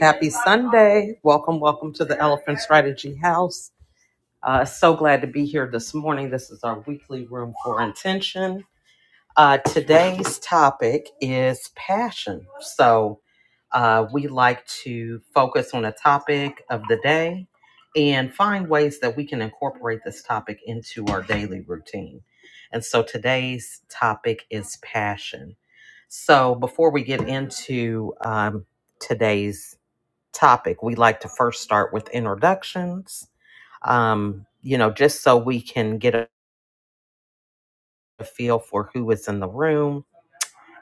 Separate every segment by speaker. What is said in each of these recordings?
Speaker 1: Happy Sunday. Welcome, welcome to the Elephant Strategy House. Uh, so glad to be here this morning. This is our weekly room for intention. Uh, today's topic is passion. So, uh, we like to focus on a topic of the day and find ways that we can incorporate this topic into our daily routine. And so, today's topic is passion. So, before we get into um, today's topic, we like to first start with introductions, um, you know, just so we can get a feel for who is in the room.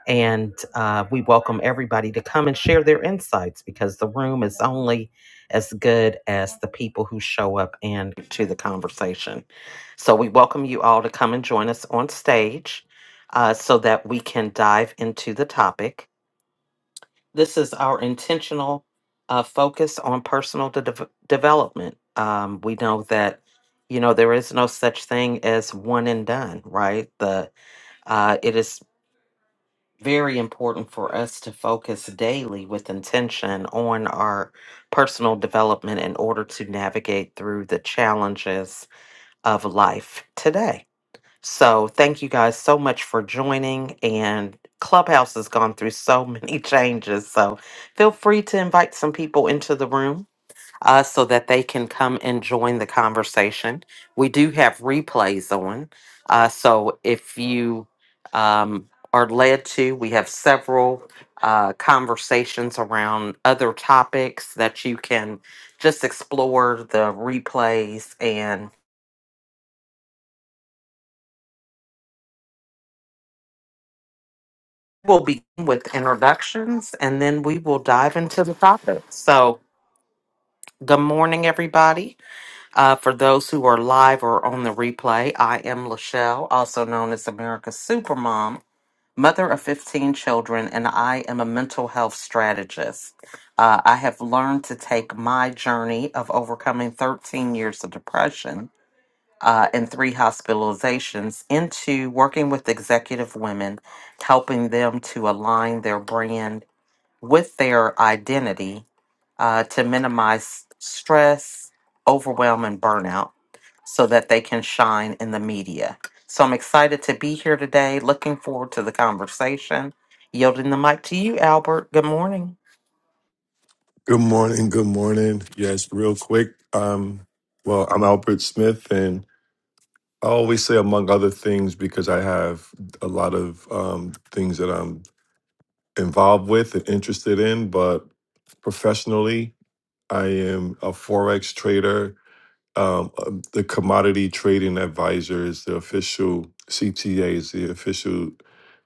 Speaker 1: And uh, we welcome everybody to come and share their insights because the room is only as good as the people who show up and to the conversation. So we welcome you all to come and join us on stage uh, so that we can dive into the topic. this is our intentional uh, focus on personal de- dev- development. Um, we know that you know there is no such thing as one and done, right? The uh, it is very important for us to focus daily with intention on our personal development in order to navigate through the challenges of life today. So thank you guys so much for joining. And Clubhouse has gone through so many changes. So feel free to invite some people into the room uh, so that they can come and join the conversation. We do have replays on. Uh, so if you um, are led to, we have several uh, conversations around other topics that you can just explore the replays and. We'll begin with introductions and then we will dive into the topic. So, good morning, everybody. Uh, for those who are live or on the replay, I am Lachelle, also known as America's Supermom, mother of 15 children, and I am a mental health strategist. Uh, I have learned to take my journey of overcoming 13 years of depression uh, and three hospitalizations into working with executive women, helping them to align their brand with their identity uh, to minimize stress, overwhelm, and burnout so that they can shine in the media. So I'm excited to be here today. Looking forward to the conversation. Yielding the mic to you, Albert. Good morning.
Speaker 2: Good morning. Good morning. Yes, real quick. Um, well, I'm Albert Smith, and I always say, among other things, because I have a lot of um, things that I'm involved with and interested in. But professionally, I am a forex trader. Um, uh, the commodity trading advisor is the official CTA is the official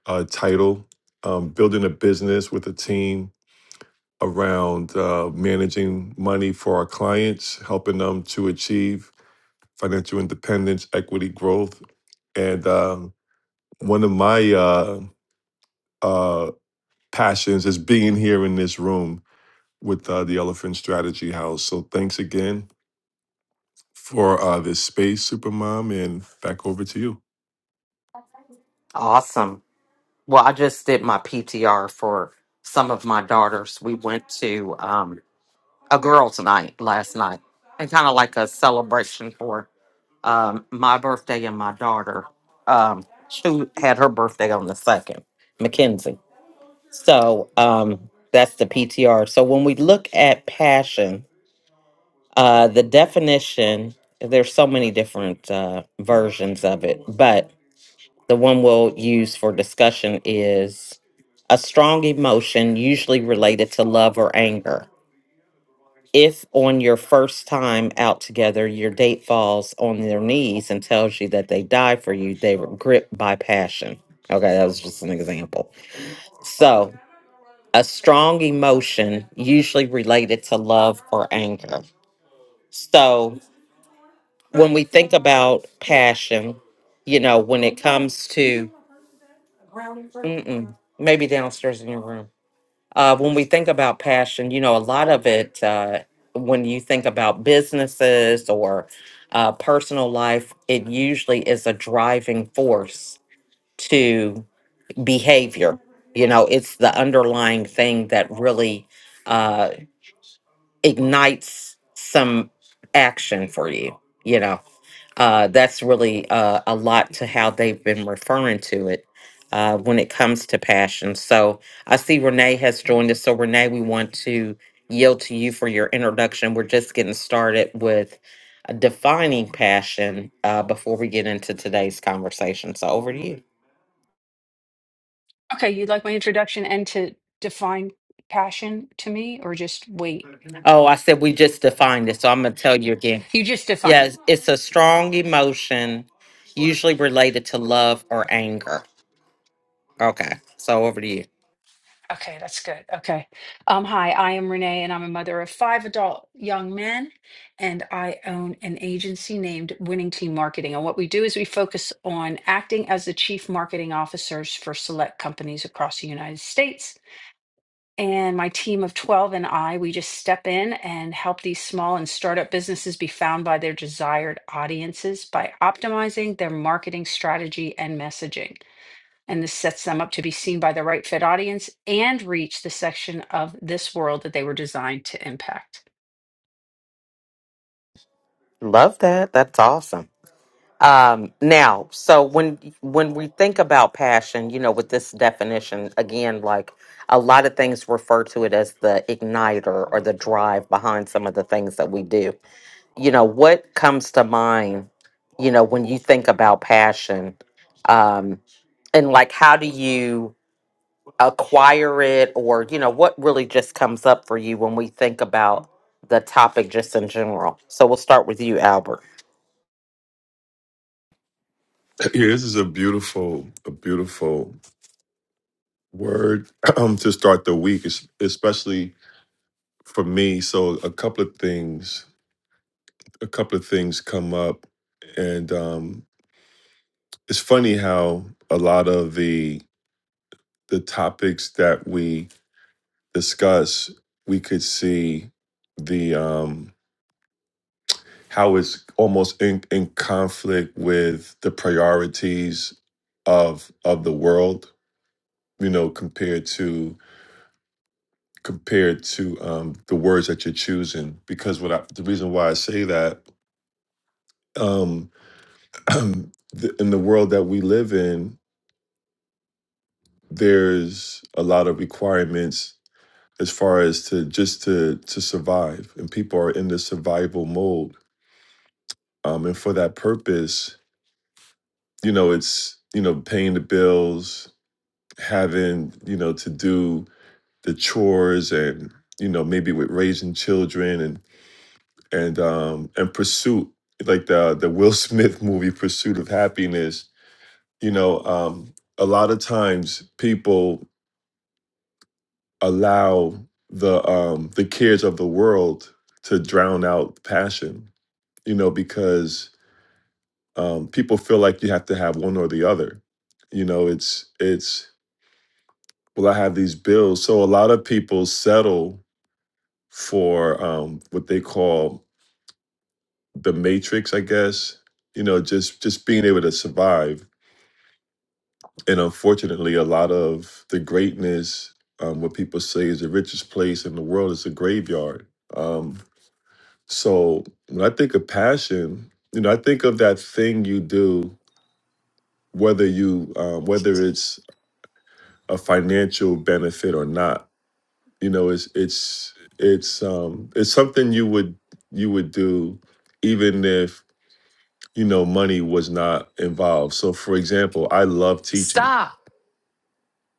Speaker 2: uh, title. Um, building a business with a team around uh, managing money for our clients, helping them to achieve financial independence, equity growth. And um, one of my uh, uh, passions is being here in this room with uh, the Elephant Strategy House. So thanks again for uh, this space, Supermom, and back over to you.
Speaker 1: Awesome. Well, I just did my PTR for some of my daughters. We went to um, a girls' night last night and kind of like a celebration for um, my birthday and my daughter. Um, she had her birthday on the second, Mackenzie. So um, that's the PTR. So when we look at passion, uh, the definition, there's so many different uh, versions of it, but the one we'll use for discussion is a strong emotion, usually related to love or anger if on your first time out together your date falls on their knees and tells you that they died for you they were gripped by passion okay that was just an example so a strong emotion usually related to love or anger so when we think about passion you know when it comes to mm-mm, maybe downstairs in your room uh, when we think about passion, you know, a lot of it, uh, when you think about businesses or uh, personal life, it usually is a driving force to behavior. You know, it's the underlying thing that really uh, ignites some action for you you know uh, that's really uh, a lot to how they've been referring to it uh, when it comes to passion so i see renee has joined us so renee we want to yield to you for your introduction we're just getting started with uh, defining passion uh, before we get into today's conversation so over to you
Speaker 3: Okay, you'd like my introduction and to define passion to me or just wait?
Speaker 1: oh i said we just defined it so i'm going to tell you again
Speaker 3: You just defined it.
Speaker 1: Yes, it's a strong emotion, usually related to love or anger. Okay, so over to you.
Speaker 3: Okay, that's good. Okay. Um, hi, I am Renee and I'm a mother of five adult young men and I own an agency named Winning Team Marketing. And what we do is we focus on acting as the chief marketing officers for select companies across the United States. And my team of 12 and I, we just step in and help these small and startup businesses be found by their desired audiences by optimizing their marketing strategy and messaging. And this sets them up to be seen by the right fit audience and reach the section of this world that they were designed to impact.
Speaker 1: Love that. That's awesome. Um, now, so when when we think about passion, you know, with this definition, again, like a lot of things refer to it as the igniter or the drive behind some of the things that we do. You know, what comes to mind, you know, when you think about passion, um, and like how do you acquire it or you know what really just comes up for you when we think about the topic just in general so we'll start with you albert
Speaker 2: Yeah, this is a beautiful, a beautiful word to start the week, es- especially for me. So a couple of things a couple of things come up, and um, it's funny how a lot of the the topics that we discuss, we could see the um, how it's almost in, in conflict with the priorities of of the world, you know, compared to compared to um, the words that you're choosing. Because what I, the reason why I say that um, the, in the world that we live in there's a lot of requirements as far as to just to to survive and people are in the survival mode um and for that purpose you know it's you know paying the bills having you know to do the chores and you know maybe with raising children and and um and pursuit like the the Will Smith movie Pursuit of Happiness you know um a lot of times people. allow the um the cares of the world to drown out passion you know because um people feel like you have to have one or the other you know it's it's well i have these bills so a lot of people settle for um what they call the matrix i guess you know just just being able to survive and unfortunately a lot of the greatness um what people say is the richest place in the world is a graveyard Um, So when I think of passion, you know, I think of that thing you do, whether you um, whether it's a financial benefit or not. You know, it's it's it's um it's something you would you would do even if you know money was not involved. So for example, I love teaching.
Speaker 4: Stop.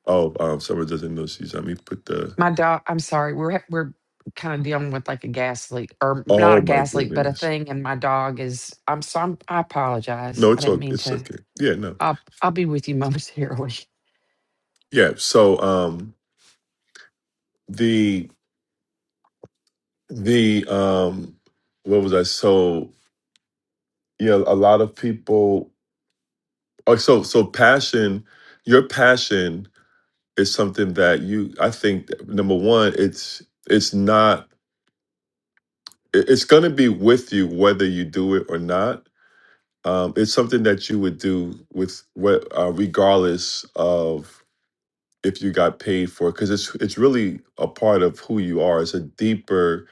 Speaker 2: Oh, um, someone doesn't know she's let me put the
Speaker 4: My dog. I'm sorry. We're we're kind of dealing with like a gas leak, or not
Speaker 2: oh
Speaker 4: a
Speaker 2: my
Speaker 4: gas leak, but a
Speaker 2: goodness.
Speaker 4: thing. And my dog is. I'm so. I'm, I apologize.
Speaker 2: No,
Speaker 4: I
Speaker 2: it's
Speaker 4: didn't
Speaker 2: okay.
Speaker 4: mean
Speaker 2: It's
Speaker 4: to.
Speaker 2: okay. Yeah, no.
Speaker 4: I'll I'll be with you momentarily.
Speaker 2: Yeah. So um the um what was i so yeah a lot of people oh so so passion your passion is something that you i think number one it's it's not it- it's going to be with you whether you do it or not um it's something that you would do with what uh, regardless of if you got paid for it because it's it's really a part of who you are it's a deeper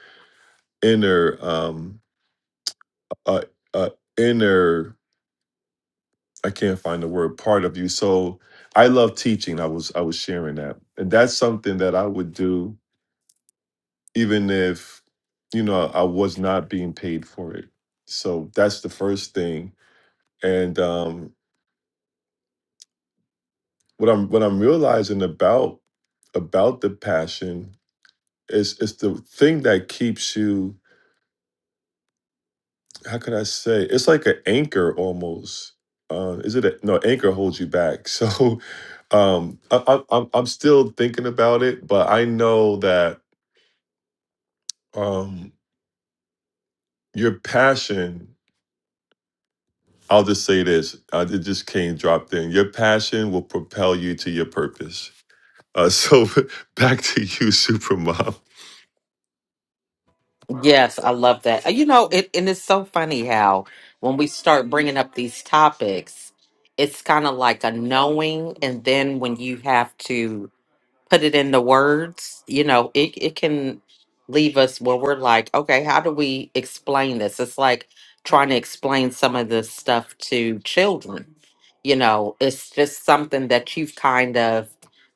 Speaker 2: inner um uh, uh inner I can't find the word part of you. So I love teaching. I was I was sharing that. And that's something that I would do even if you know I was not being paid for it. So that's the first thing. And um what I'm what I'm realizing about about the passion is it's the thing that keeps you how can I say it's like an anchor almost. Uh, is it a, no anchor holds you back. So um I, I, i'm I'm still thinking about it but i know that um your passion i'll just say this uh, it just came dropped in your passion will propel you to your purpose uh so back to you supermom
Speaker 1: yes i love that Uh, you know it and it's so funny how when we start bringing up these topics it's kind of like a knowing and then when you have to put it into words, you know, it, it can leave us where we're like, okay, how do we explain this? It's like trying to explain some of this stuff to children. You know, it's just something that you've kind of,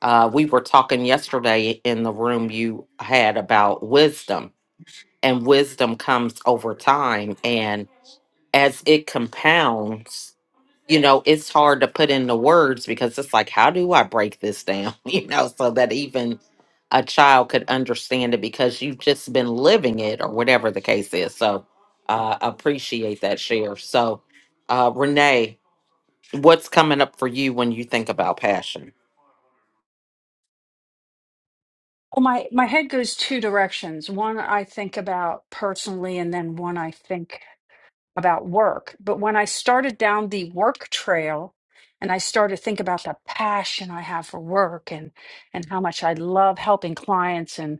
Speaker 1: uh, we were talking yesterday in the room you had about wisdom, and wisdom comes over time. And as it compounds, you know, it's hard to put into words because it's like, how do I break this down? You know, so that even a child could understand it because you've just been living it or whatever the case is. So, uh, appreciate that share. So, uh, Renee, what's coming up for you when you think about passion?
Speaker 3: Well, my, my head goes two directions. One I think about personally, and then one I think about work. But when I started down the work trail and I started to think about the passion I have for work and and how much I love helping clients and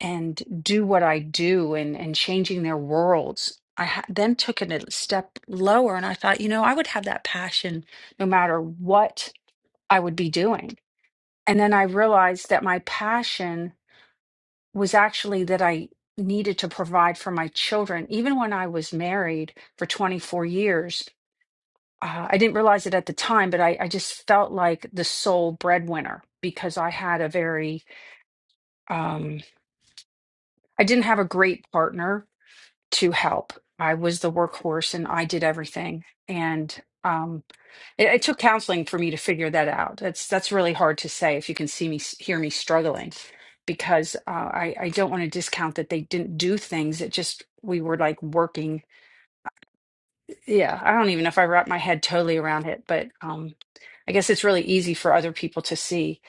Speaker 3: and do what I do and and changing their worlds, I ha- then took it a step lower and I thought, you know, I would have that passion no matter what I would be doing. And then I realized that my passion was actually that I needed to provide for my children even when I was married for 24 years uh, I didn't realize it at the time, but I, I just felt like the sole breadwinner because I had a very, um, I didn't have a great partner to help. I was the workhorse and I did everything. And um, it, it took counseling for me to figure that out. That's that's really hard to say if you can see me, s- hear me struggling, because uh, I, I don't want to discount that they didn't do things. It just we were like working. Yeah, I don't even know if I wrap my head totally around it, but um, I guess it's really easy for other people to see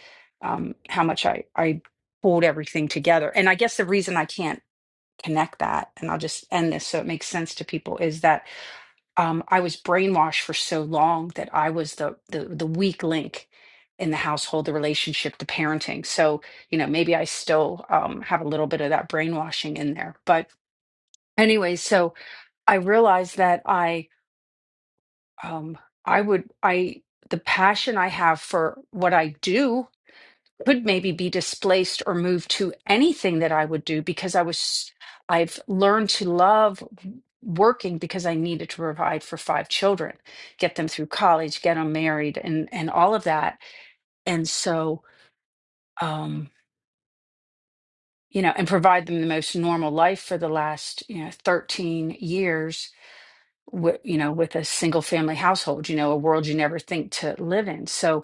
Speaker 3: um, how much I, I pulled everything together. And I guess the reason I can't connect that, and I'll just end this so it makes sense to people, is that um, I was brainwashed for so long that I was the, the the weak link in the household, the relationship, the parenting. So you know, maybe I still um, have a little bit of that brainwashing in there. But anyway, so I realized that I um, I would I the passion I have for what I do could maybe be displaced or moved to anything that I would do because I was I've learned to love working because I needed to provide for five children, get them through college, get them married and and all of that. And so um you know, and provide them the most normal life for the last, you know, 13 years with you know, with a single family household, you know, a world you never think to live in. So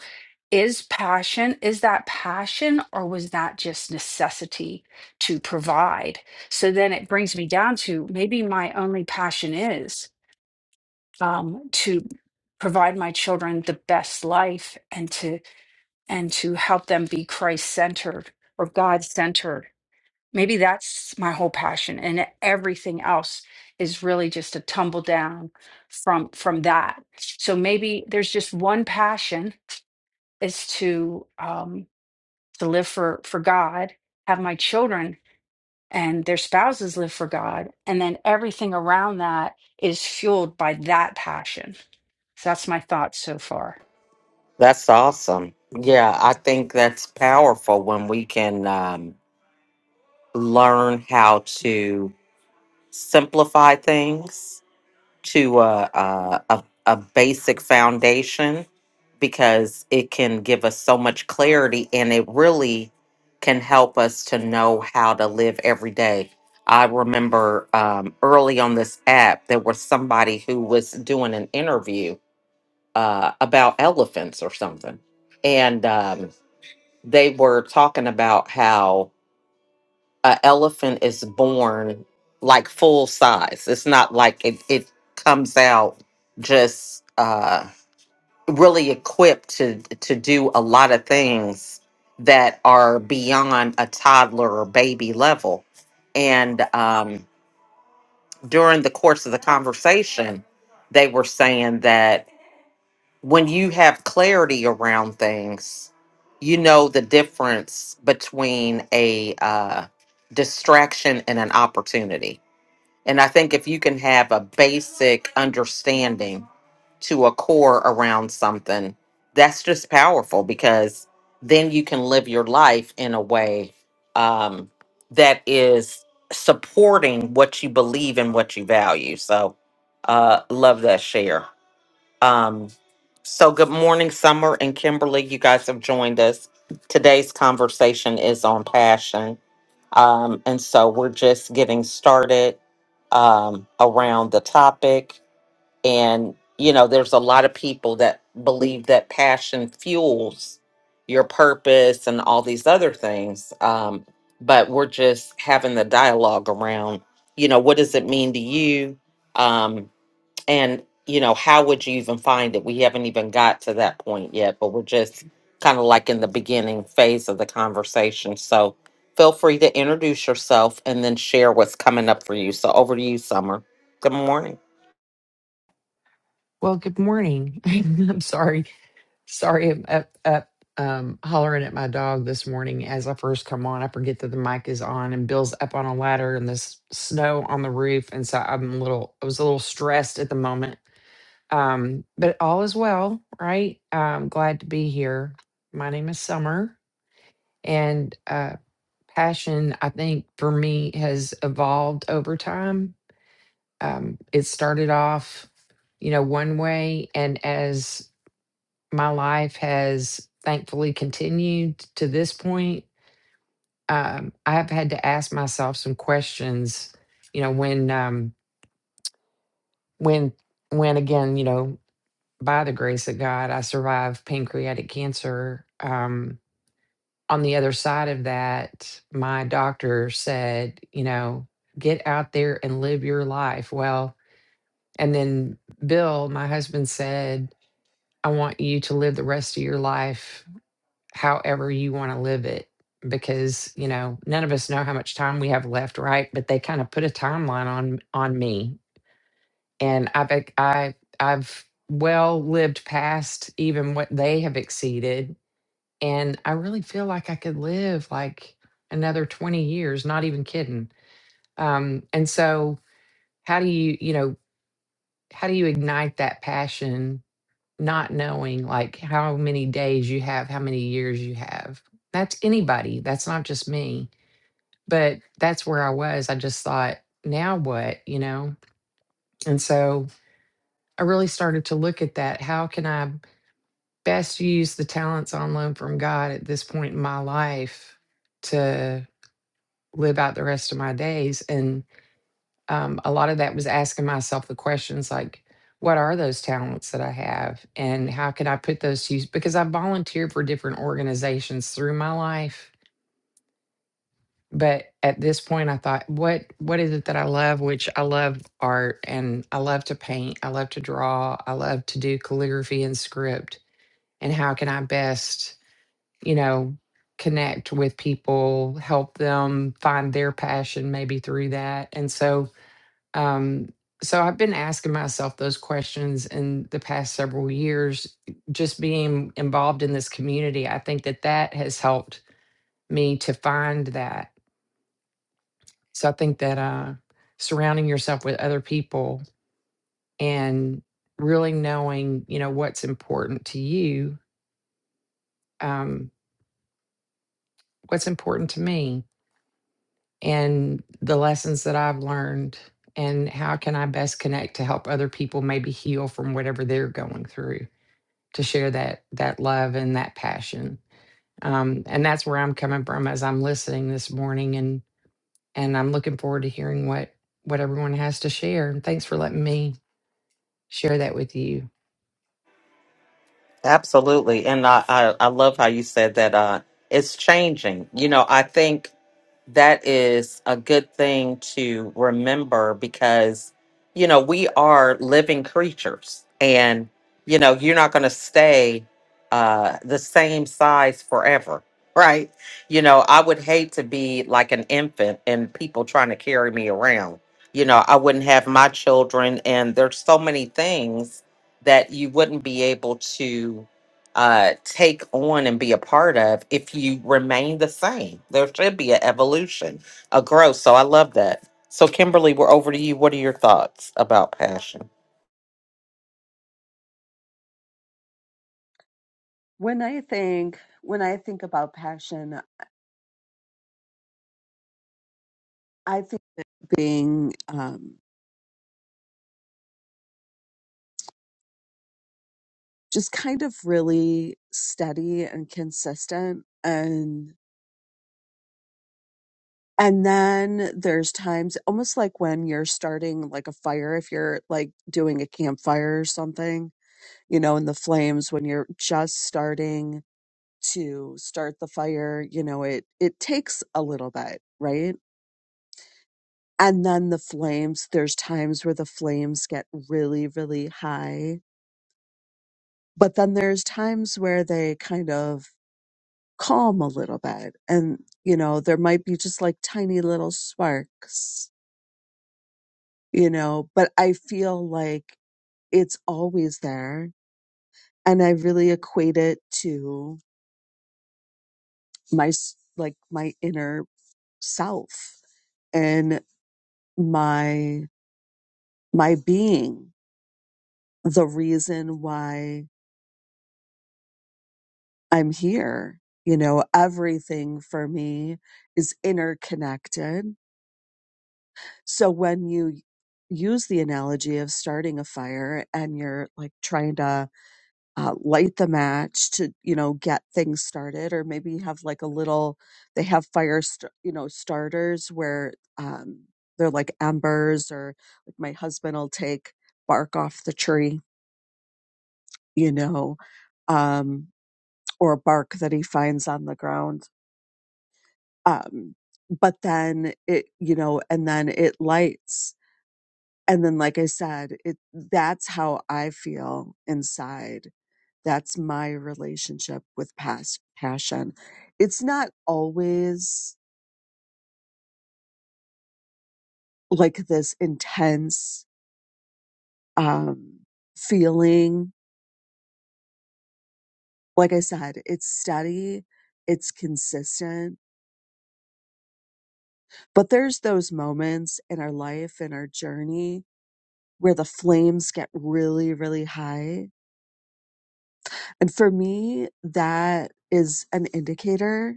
Speaker 3: is passion is that passion or was that just necessity to provide so then it brings me down to maybe my only passion is um, to provide my children the best life and to and to help them be christ centered or god centered maybe that's my whole passion and everything else is really just a tumble down from from that so maybe there's just one passion is to um, to live for for God, have my children and their spouses live for God, and then everything around that is fueled by that passion. So that's my thoughts so far.
Speaker 1: That's awesome. Yeah, I think that's powerful when we can um, learn how to simplify things to a, a, a, a basic foundation because it can give us so much clarity and it really can help us to know how to live every day. I remember um, early on this app, there was somebody who was doing an interview uh, about elephants or something. And um, they were talking about how an elephant is born like full size. It's not like it, it comes out just uh, really equipped to to do a lot of things that are beyond a toddler or baby level. And um, during the course of the conversation, they were saying that when you have clarity around things, you know the difference between a uh, distraction and an opportunity. And I think if you can have a basic understanding to a core around something, that's just powerful because then you can live your life in a way um, that is supporting what you believe and what you value. So, uh, love that share. Um, so good morning, Summer and Kimberly. You guys have joined us. Today's conversation is on passion. Um, and so we're just getting started um, around the topic. And, you know, there's a lot of people that believe that passion fuels your purpose and all these other things. Um, but we're just having the dialogue around, you know, what does it mean to you? Um, and you know how would you even find it we haven't even got to that point yet but we're just kind of like in the beginning phase of the conversation so feel free to introduce yourself and then share what's coming up for you so over to you summer good morning
Speaker 4: Well, good morning. I'm sorry. Sorry, I'm up up um, hollering at my dog this morning as I first come on. I forget that the mic is on, and Bill's up on a ladder, and this snow on the roof, and so I'm a little. I was a little stressed at the moment Um, but all is well, right? I'm glad to be here. My name is Summer, and uh, passion, I think, for me has evolved over time. Um, it started off, you know, one way, and as my life has thankfully continued to this point, um, I have had to ask myself some questions. You know, when um, when when again, you know, by the grace of God, I survived pancreatic cancer. Um, on the other side of that, my doctor said, you know, get out there and live your life. Well, and then Bill, my husband, said, I want you to live the rest of your life however you want to live it. Because you know, none of us know how much time we have left, right? But they kind of put a timeline on on me and I've ex- I I've well lived past even what they have exceeded, and I really feel like I could live like another twenty years. Not even kidding. Um, and so, how do you you know how do you ignite that passion? Not knowing like how many days you have, how many years you have. That's anybody. That's not just me. But that's where I was. I just thought, now what? You know. And so I really started to look at that. How can I? best use the talents on loan from God at this point in my life to live out the rest of my days. And um, a lot of that was asking myself the questions like, what are those talents that I have? And how can I put those to use? Because I volunteered for different organizations through my life. But at this point, I thought, what what is it that I love? Which I love art and I love to paint. I love to draw. I love to do calligraphy and script. And how can I best you know, connect with people, help them find their passion maybe through that. And so, um, so I've been asking myself those questions in the past several years. Just being involved in this community, I think that that has helped me to find that. So I think that uh, surrounding yourself with other people and really knowing, you know, what's important to you, um, what's important to me, and the lessons that I've learned and how can I best connect to help other people maybe heal from whatever they're going through to share that that love and that passion. Um, and that's where I'm coming from as I'm listening this morning and and I'm looking forward to hearing what what everyone has to share. And thanks for letting me share that with you.
Speaker 1: Absolutely. And I, I, I love how you said that uh, it's changing. You know, I think that is a good thing to remember because, you know, we are living creatures and, you know, you're not going to stay uh, the same size forever. Right. You know, I would hate to be like an infant and people trying to carry me around. You know, I wouldn't have my children. And there's so many things that you wouldn't be able to uh, take on and be a part of if you remain the same. There should be an evolution, a growth. So I love that. So, Kimberly, we're over to you. What are your thoughts about passion?
Speaker 5: When I think when I think about passion, I think that being um, just kind of really steady and consistent, and and then there's times almost like when you're starting like a fire, if you're like doing a campfire or something, you know, in the flames when you're just starting to start the fire, you know, it it takes a little bit, right? And then the flames, there's times where the flames get really, really high but then there's times where they kind of calm a little bit and you know there might be just like tiny little sparks you know but i feel like it's always there and i really equate it to my s- like my inner self and my my being the reason why i'm here you know everything for me is interconnected So when you use the analogy of starting a fire and you're like trying to uh, light the match to, you know, get things started, or maybe you have like a little, they have fire, st- you know, starters where um, they're like embers, or like my husband will take bark off the tree, you know, um, or bark that he finds on the ground. Um, but then it, you know, and then it lights and then like i said it that's how i feel inside that's my relationship with past passion it's not always like this intense um feeling like i said it's steady it's consistent but there's those moments in our life in our journey where the flames get really really high and for me that is an indicator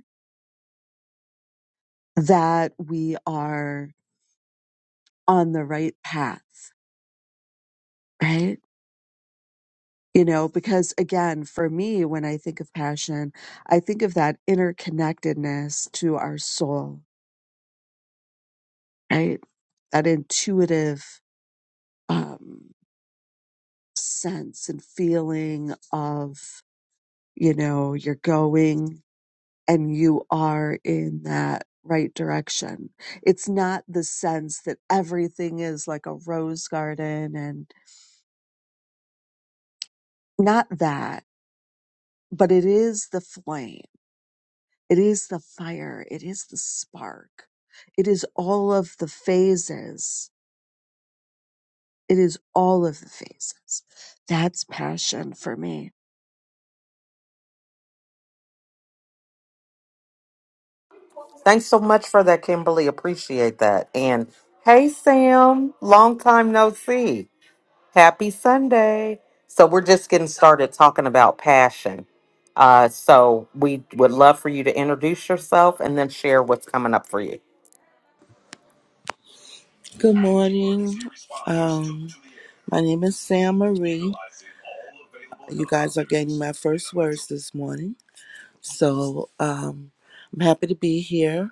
Speaker 5: that we are on the right path, right? You know, because again, for me, when I think of passion, I think of that interconnectedness to our soul, right? That intuitive um, sense and feeling of, you know, you're going and you are in that right direction. It's not the sense that everything is like a rose garden and not that but it is the flame. It is the fire. It is the spark. It is all of the phases. It is all of the phases. That's passion for me.
Speaker 1: Thanks so much for that, Kimberly. Appreciate that. And hey, Sam, long time no see. Happy Sunday. So, we're just getting started talking about passion. Uh, so, we would love for you to introduce yourself and then share what's coming up for you.
Speaker 6: Good morning. Um, my name is Sam Marie. You guys are getting my first words this morning. So um, I'm happy to be here.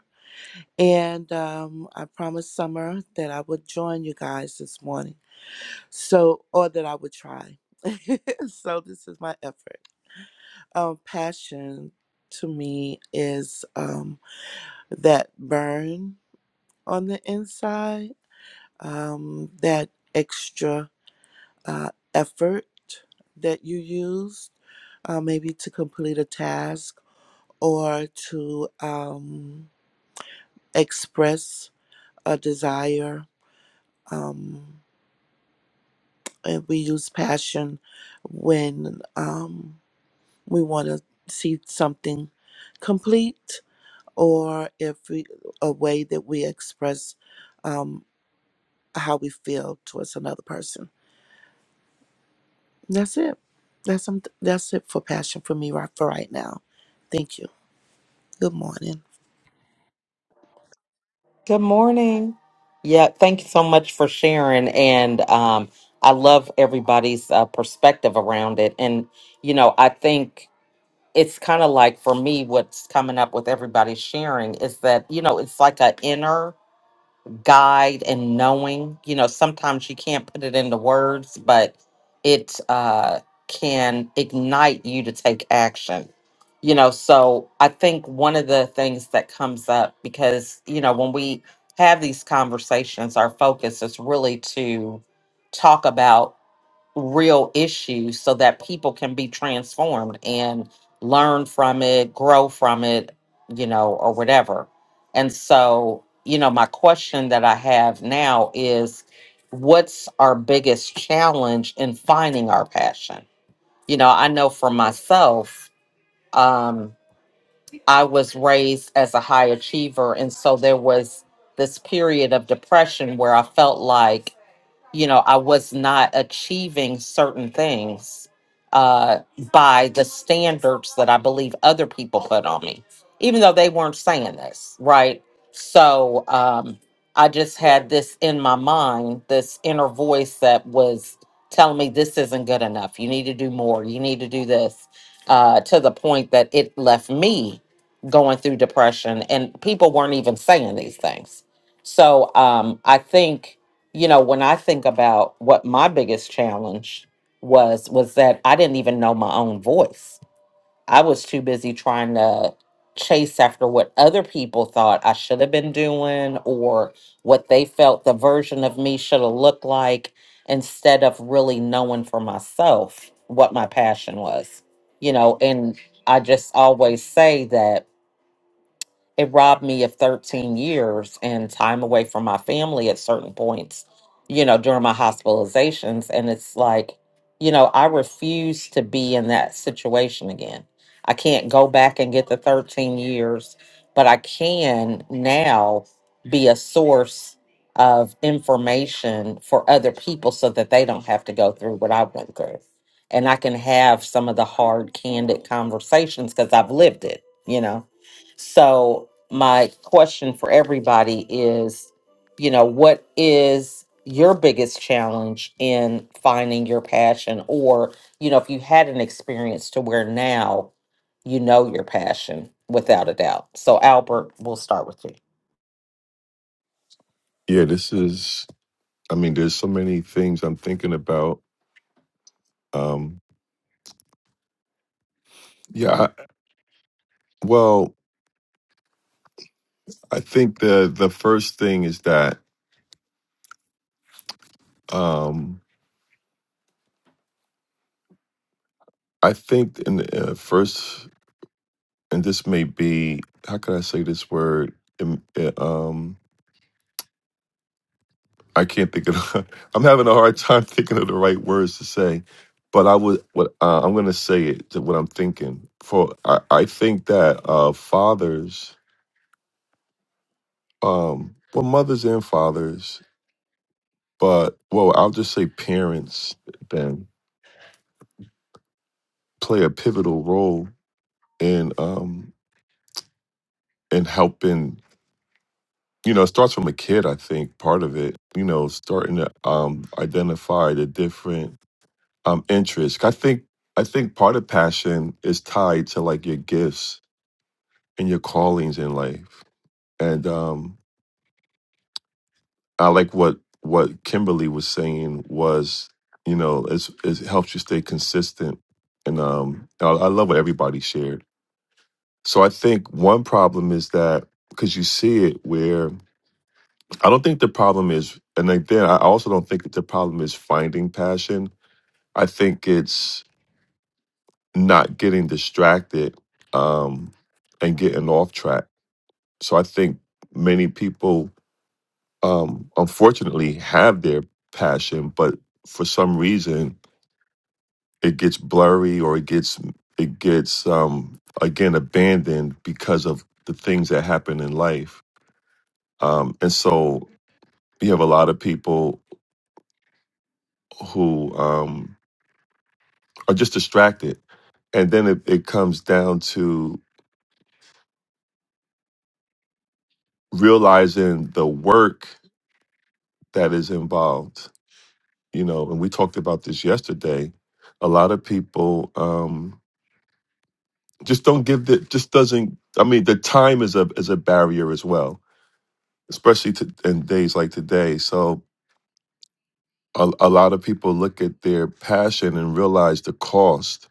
Speaker 6: And um, I promised Summer that I would join you guys this morning. So, or that I would try. so, this is my effort. Um, passion to me is um, that burn on the inside, um, that extra uh, effort that you used, uh, maybe to complete a task or to um, express a desire. Um, and we use passion when um, we want to see something complete or if we, a way that we express um, how we feel towards another person. That's it. That's, um. that's it for passion for me right for right now. Thank you. Good morning.
Speaker 1: Good morning. Yeah, thank you so much for sharing. And um, I love everybody's uh, perspective around it. And, you know, I think it's kind of like for me, what's coming up with everybody sharing is that, you know, it's like an inner guide and knowing. You know, sometimes you can't put it into words, but it uh, can ignite you to take action. You know, so I think one of the things that comes up because, you know, when we have these conversations, our focus is really to talk about real issues so that people can be transformed and learn from it, grow from it, you know, or whatever. And so, you know, my question that I have now is what's our biggest challenge in finding our passion? You know, I know for myself, um, I was raised as a high achiever. And so there was this period of depression where I felt like you know i was not achieving certain things uh by the standards that i believe other people put on me even though they weren't saying this right so um i just had this in my mind this inner voice that was telling me this isn't good enough you need to do more you need to do this uh to the point that it left me going through depression and people weren't even saying these things so um i think you know when i think about what my biggest challenge was was that i didn't even know my own voice i was too busy trying to chase after what other people thought i should have been doing or what they felt the version of me should have looked like instead of really knowing for myself what my passion was you know and i just always say that it robbed me of 13 years and time away from my family at certain points, you know, during my hospitalizations. And it's like, you know, I refuse to be in that situation again. I can't go back and get the 13 years, but I can now be a source of information for other people so that they don't have to go through what I went through. And I can have some of the hard, candid conversations because I've lived it, you know? So, my question for everybody is you know, what is your biggest challenge in finding your passion? Or, you know, if you had an experience to where now you know your passion without a doubt. So, Albert, we'll start with you.
Speaker 2: yeah this is I mean, there's so many things I'm thinking about. Um, yeah, I, well, I think the the first thing is that um, I think in the uh, first, and this may be how could I say this word? Um, uh, um, I can't think of. I'm having a hard time thinking of the right words to say, but I would. What uh, I'm going to say it to what I'm thinking. For I, I think that uh, fathers, um, well, mothers and fathers. but well i'll just say parents then play a pivotal role in um in helping you know it starts from a kid i think part of it you know starting to um identify the different um interests i think i think part of passion is tied to like your gifts and your callings in life and um i like what what kimberly was saying was you know it's, it helps you stay consistent and um i, I love what everybody shared So I think one problem is that because you see it where I don't think the problem is, and again, I also don't think that the problem is finding passion. I think it's not getting distracted um, and getting off track. So I think many people, um, unfortunately, have their passion, but for some reason, it gets blurry or it gets it gets um, again abandoned because of the things that happen in life Um, and so you have a lot of people who um, are just distracted. And then it, it comes down to realizing the work that is involved. You know, and we talked about this yesterday. A lot of people um, just don't give the just doesn't. I mean, the time is a is a barrier as well, especially to, in days like today. So a, a lot of people look at their passion and realize the cost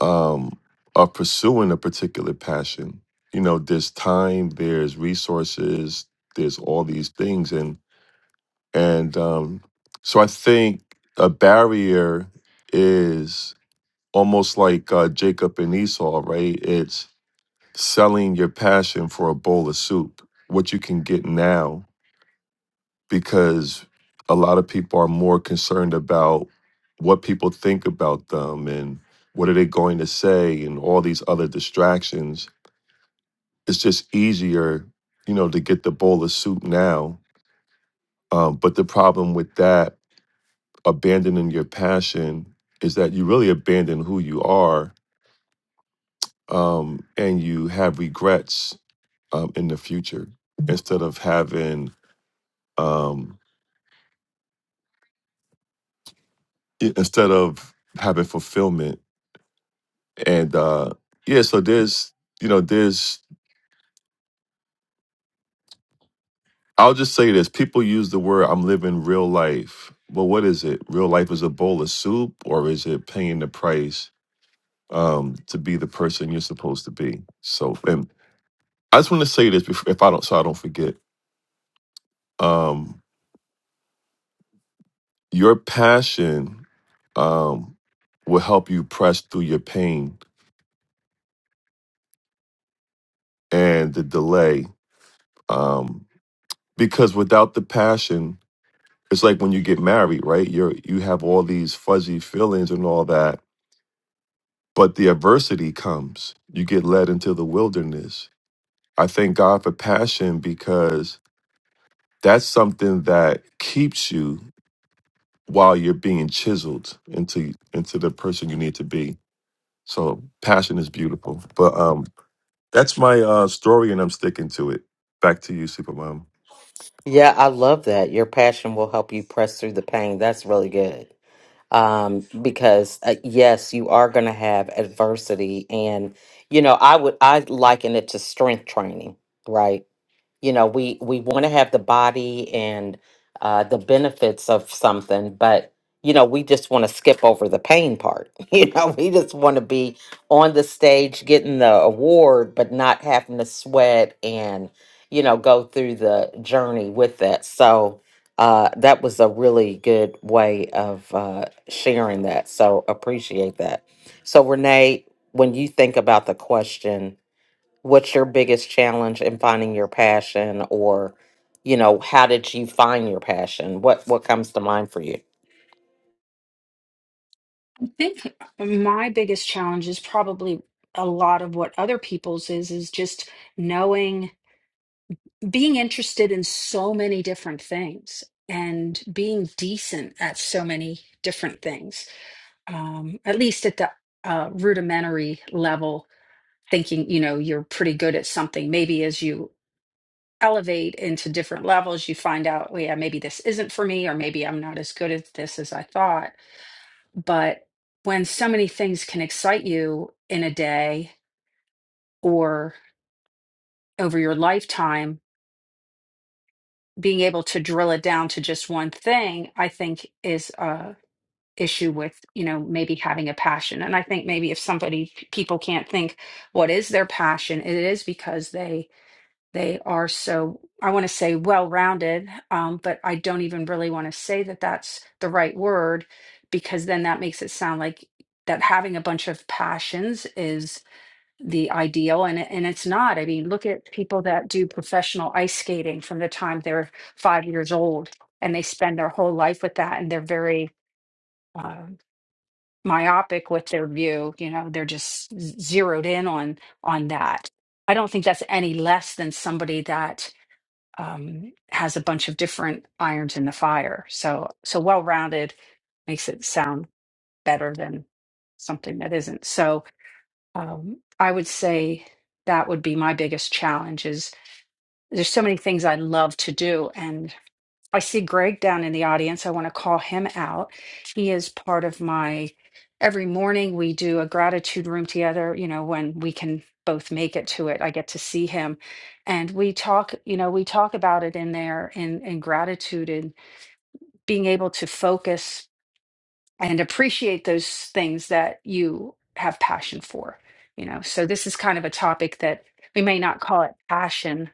Speaker 2: um, of pursuing a particular passion. You know, there's time, there's resources, there's all these things, and and um, so I think a barrier is almost like uh, Jacob and Esau, right? It's selling your passion for a bowl of soup, what you can get now because a lot of people are more concerned about what people think about them and what are they going to say and all these other distractions. It's just easier, you know, to get the bowl of soup now. Um, but the problem with that, abandoning your passion, is that you really abandon who you are um, and you have regrets um, in the future instead of having um, i- instead of having fulfillment and uh yeah so there's you know there's i'll just say this people use the word i'm living real life well what is it real life is a bowl of soup or is it paying the price um to be the person you're supposed to be so and i just want to say this before, if i don't so i don't forget um your passion um will help you press through your pain and the delay um because without the passion It's like when you get married, right? You're you have all these fuzzy feelings and all that, but the adversity comes. You get led into the wilderness. I thank God for passion because that's something that keeps you while you're being chiseled into into the person you need to be. So passion is beautiful. But um that's my uh story and I'm sticking to it. Back to you, Supermom.
Speaker 1: Yeah, I love that. Your passion will help you press through the pain. That's really good. Um, because uh, yes, you are going to have adversity. And, you know, I would, I liken it to strength training, right? you know we we want to have the body and uh the benefits of something but you know we just want to skip over the pain part you know we just want to be on the stage getting the award but not having to sweat and you know go through the journey with that so uh that was a really good way of uh sharing that so appreciate that so renee when you think about the question what's your biggest challenge in finding your passion or you know how did you find your passion what what comes to mind for you
Speaker 3: I think my biggest challenge is probably a lot of what other people's is is just knowing being interested in so many different things and being decent at so many different things um, at least at the uh, rudimentary level thinking you know you're pretty good at something maybe as you elevate into different levels you find out well, yeah maybe this isn't for me or maybe i'm not as good at this as i thought but when so many things can excite you in a day or over your lifetime being able to drill it down to just one thing i think is a issue with you know maybe having a passion and i think maybe if somebody people can't think what is their passion it is because they They are so, I want to say well rounded, um, but I don't even really want to say that that's the right word because then that makes it sound like that having a bunch of passions is the ideal and it- and it's not. I mean, look at people that do professional ice skating from the time they're five years old and they spend their whole life with that and they're very uh, myopic with their view. You know, they're just z- zeroed in on on that. I don't think that's any less than somebody that um, has a bunch of different irons in the fire. So so well rounded makes it sound better than something that isn't. So um, I would say that would be my biggest challenge. Is there's so many things I love to do, and. I see Greg down in the audience. I want to call him out. He is part of my every morning we do a gratitude room together, you know, when we can both make it to it. I get to see him and we talk, you know, we talk about it in there in in gratitude and being able to focus and appreciate those things that you have passion for, you know. So this is kind of a topic that we may not call it passion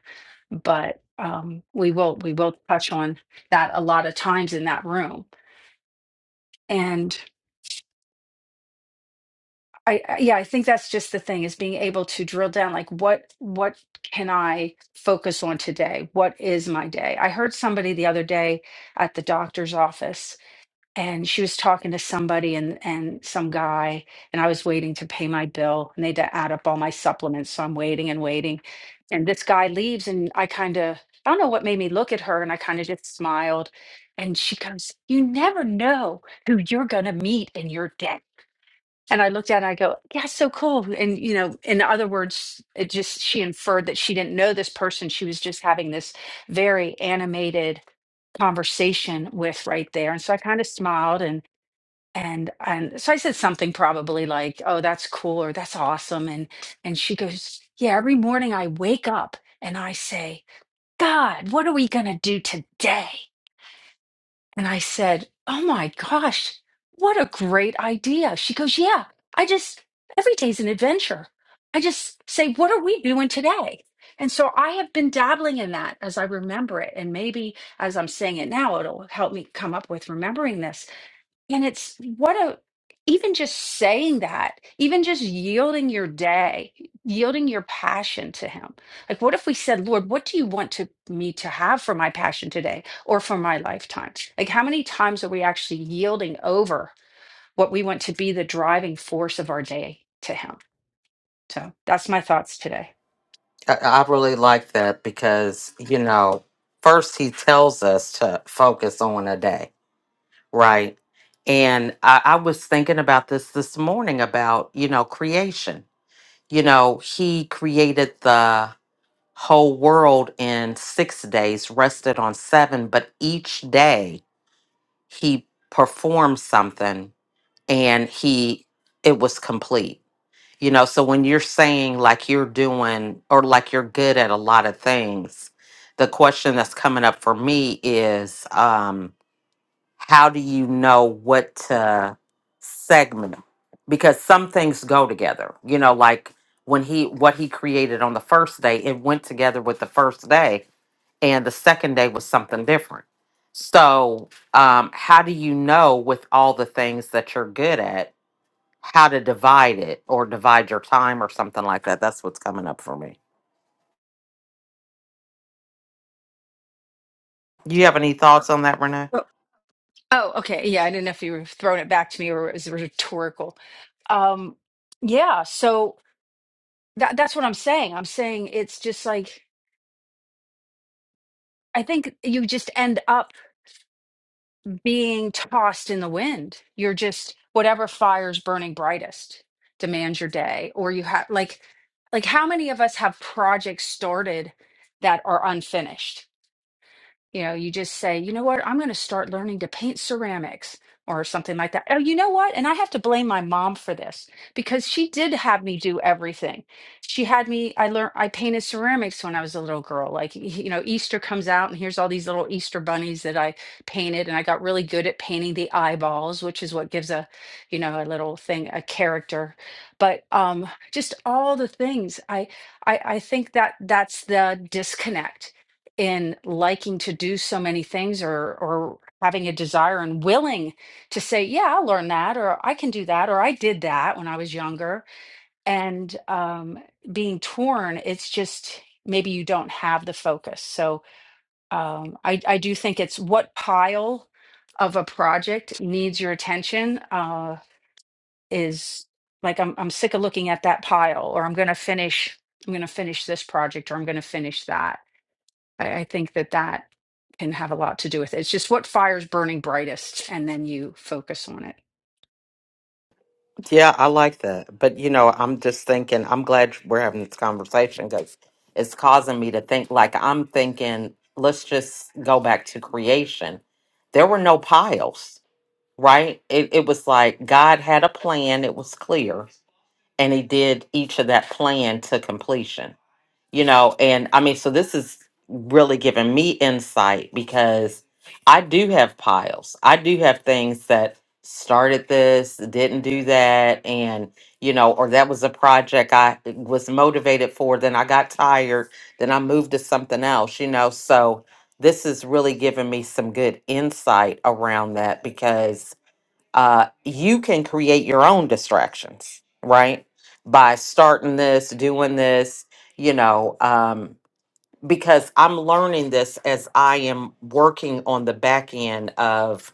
Speaker 3: but um, we will we will touch on that a lot of times in that room and I, I yeah i think that's just the thing is being able to drill down like what what can i focus on today what is my day i heard somebody the other day at the doctor's office and she was talking to somebody and and some guy and i was waiting to pay my bill and they had to add up all my supplements so i'm waiting and waiting and this guy leaves and i kind of i don't know what made me look at her and i kind of just smiled and she goes you never know who you're going to meet in your day and i looked at her and i go yeah so cool and you know in other words it just she inferred that she didn't know this person she was just having this very animated conversation with right there and so i kind of smiled and and and so I said something probably like, "Oh, that's cool," or "That's awesome," and and she goes, "Yeah, every morning I wake up and I say, God, what are we gonna do today?" And I said, "Oh my gosh, what a great idea!" She goes, "Yeah, I just every day's an adventure. I just say, what are we doing today?" And so I have been dabbling in that as I remember it, and maybe as I'm saying it now, it'll help me come up with remembering this and it's what a, even just saying that, even just yielding your day, yielding your passion to Him. Like, what if we said, Lord, what do you want to me to have for my passion today or for my lifetime? Like, how many times are we actually yielding over what we want to be the driving force of our day to Him? So that's my thoughts today.
Speaker 1: I, I really like that because, you know, first he tells us to focus on a day, right? And I, I was thinking about this this morning about, you know, creation. You know, he created the whole world in six days, rested on seven, but each day he performed something and he it was complete you know so when you're saying like you're doing or like you're good at a lot of things the question that's coming up for me is um how do you know what to segment because some things go together you know like when he what he created on the first day it went together with the first day and the second day was something different so um how do you know with all the things that you're good at how to divide it or divide your time or something like that. That's what's coming up for me. Do you have any thoughts on that, Renee?
Speaker 3: Oh, oh, okay. Yeah, I didn't know if you were throwing it back to me or it was rhetorical. Um, yeah, so that, that's what I'm saying. I'm saying it's just like, I think you just end up being tossed in the wind. You're just whatever fire's burning brightest demands your day or you have like like how many of us have projects started that are unfinished? You know, you just say, you know what, I'm going to start learning to paint ceramics or something like that. Oh, you know what? And I have to blame my mom for this because she did have me do everything. She had me, I learned, I painted ceramics when I was a little girl. Like, y- you know, Easter comes out and here's all these little Easter bunnies that I painted. And I got really good at painting the eyeballs, which is what gives a, you know, a little thing, a character. But um, just all the things I, I, I think that that's the disconnect in liking to do so many things or or having a desire and willing to say yeah i'll learn that or i can do that or i did that when i was younger and um, being torn it's just maybe you don't have the focus so um, I, I do think it's what pile of a project needs your attention uh, is like I'm, I'm sick of looking at that pile or i'm going to finish i'm going to finish this project or i'm going to finish that I, I think that that can have a lot to do with it. It's just what fire's burning brightest, and then you focus on it.
Speaker 1: Yeah, I like that. But, you know, I'm just thinking, I'm glad we're having this conversation because it's causing me to think like I'm thinking, let's just go back to creation. There were no piles, right? It, it was like God had a plan, it was clear, and He did each of that plan to completion you know and i mean so this is really giving me insight because i do have piles i do have things that started this didn't do that and you know or that was a project i was motivated for then i got tired then i moved to something else you know so this is really giving me some good insight around that because uh, you can create your own distractions, right? By starting this, doing this, you know. um, because I'm learning this as I am working on the back end of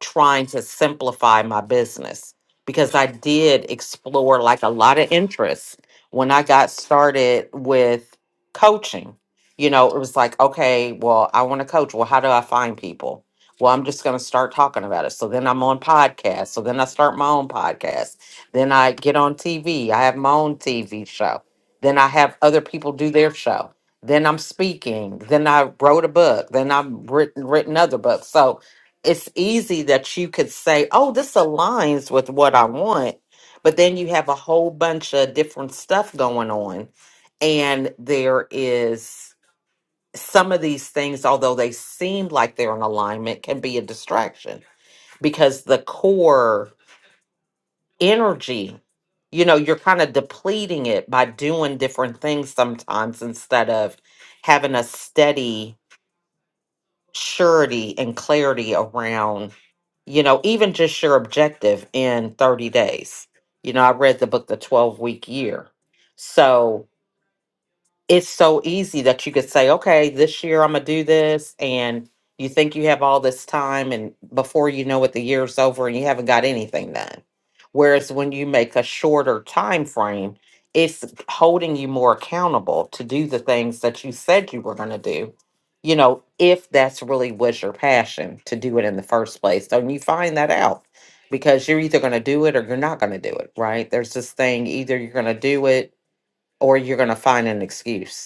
Speaker 1: trying to simplify my business because I did explore like a lot of interests when I got started with coaching. You know, it was like, okay, well, I want to coach. Well, how do I find people? Well, I'm just going to start talking about it. So then I'm on podcasts. So then I start my own podcast. Then I get on TV. I have my own TV show. Then I have other people do their show then I'm speaking, then I wrote a book, then I've written written other books. So it's easy that you could say, "Oh, this aligns with what I want," but then you have a whole bunch of different stuff going on, and there is some of these things, although they seem like they're in alignment, can be a distraction because the core energy you know you're kind of depleting it by doing different things sometimes instead of having a steady surety and clarity around you know even just your objective in 30 days you know i read the book the 12 week year so it's so easy that you could say, okay, this year I'm going to do this. And you think you have all this time, and before you know it, the year's over and you haven't got anything done. Whereas when you make a shorter time frame, it's holding you more accountable to do the things that you said you were going to do, you know, if that's really was your passion to do it in the first place. So you find that out because you're either going to do it or you're not going to do it, right? There's this thing either you're going to do it or you're going to find an excuse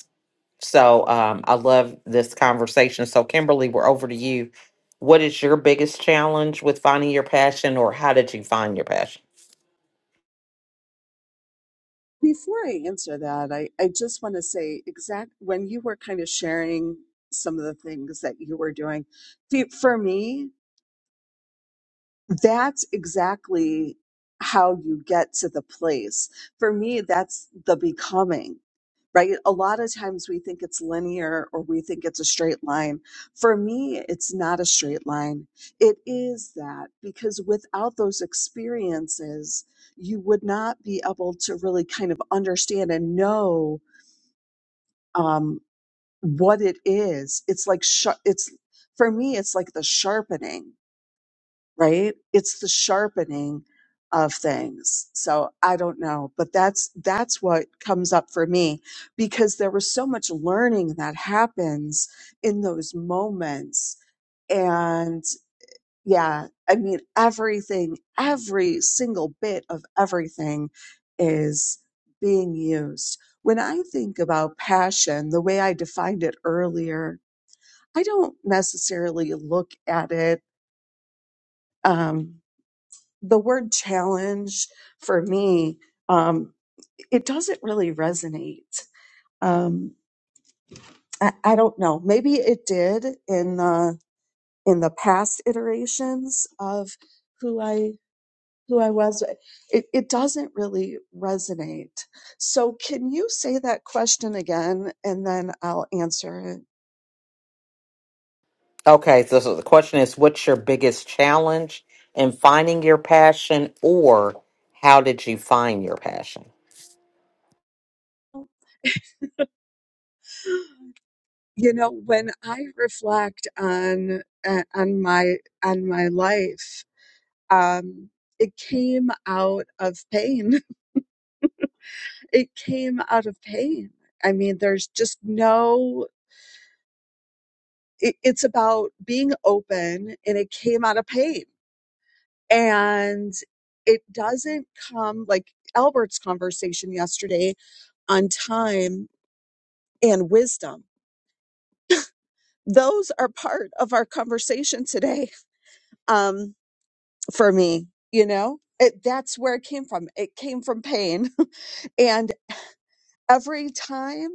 Speaker 1: so um, I love this conversation. So, Kimberly, we're over to you. What is your biggest challenge with finding your passion, or how did you find your passion?
Speaker 5: Before I answer that, I, I just want to say exact when you were kind of sharing some of the things that you were doing, fe- for me, that's exactly how you get to the place. For me, that's the becoming. right? A lot of times we think it's linear or we think it's a straight line. For me, it's not a straight line. It is that because without those experiences, you would not be able to really kind of understand and know um, what it is. It's like, sh- it's for me, it's like the sharpening right? It's the sharpening of things. So I don't know, but that's that's what comes up for me because there was so much learning that happens in those moments and yeah, I mean everything, every single bit of everything is being used. When I think about passion, the way I defined it earlier, I don't necessarily look at it. Um, the word challenge for me, um, it doesn't really resonate. Um, I, I don't know. Maybe it did in the in the past iterations of who I who I was. It, it doesn't really resonate. So, can you say that question again, and then I'll answer it.
Speaker 1: Okay, so, so the question is what's your biggest challenge in finding your passion, or how did you find your passion?
Speaker 5: you know when i reflect on uh, on my on my life um, it came out of pain. It came out of pain. I mean, there's just no, it, it's about being open and it came out of pain. And it doesn't come like Albert's conversation yesterday on time and wisdom. Those are part of our conversation today um, for me, you know? It, that's where it came from. It came from pain. and. every time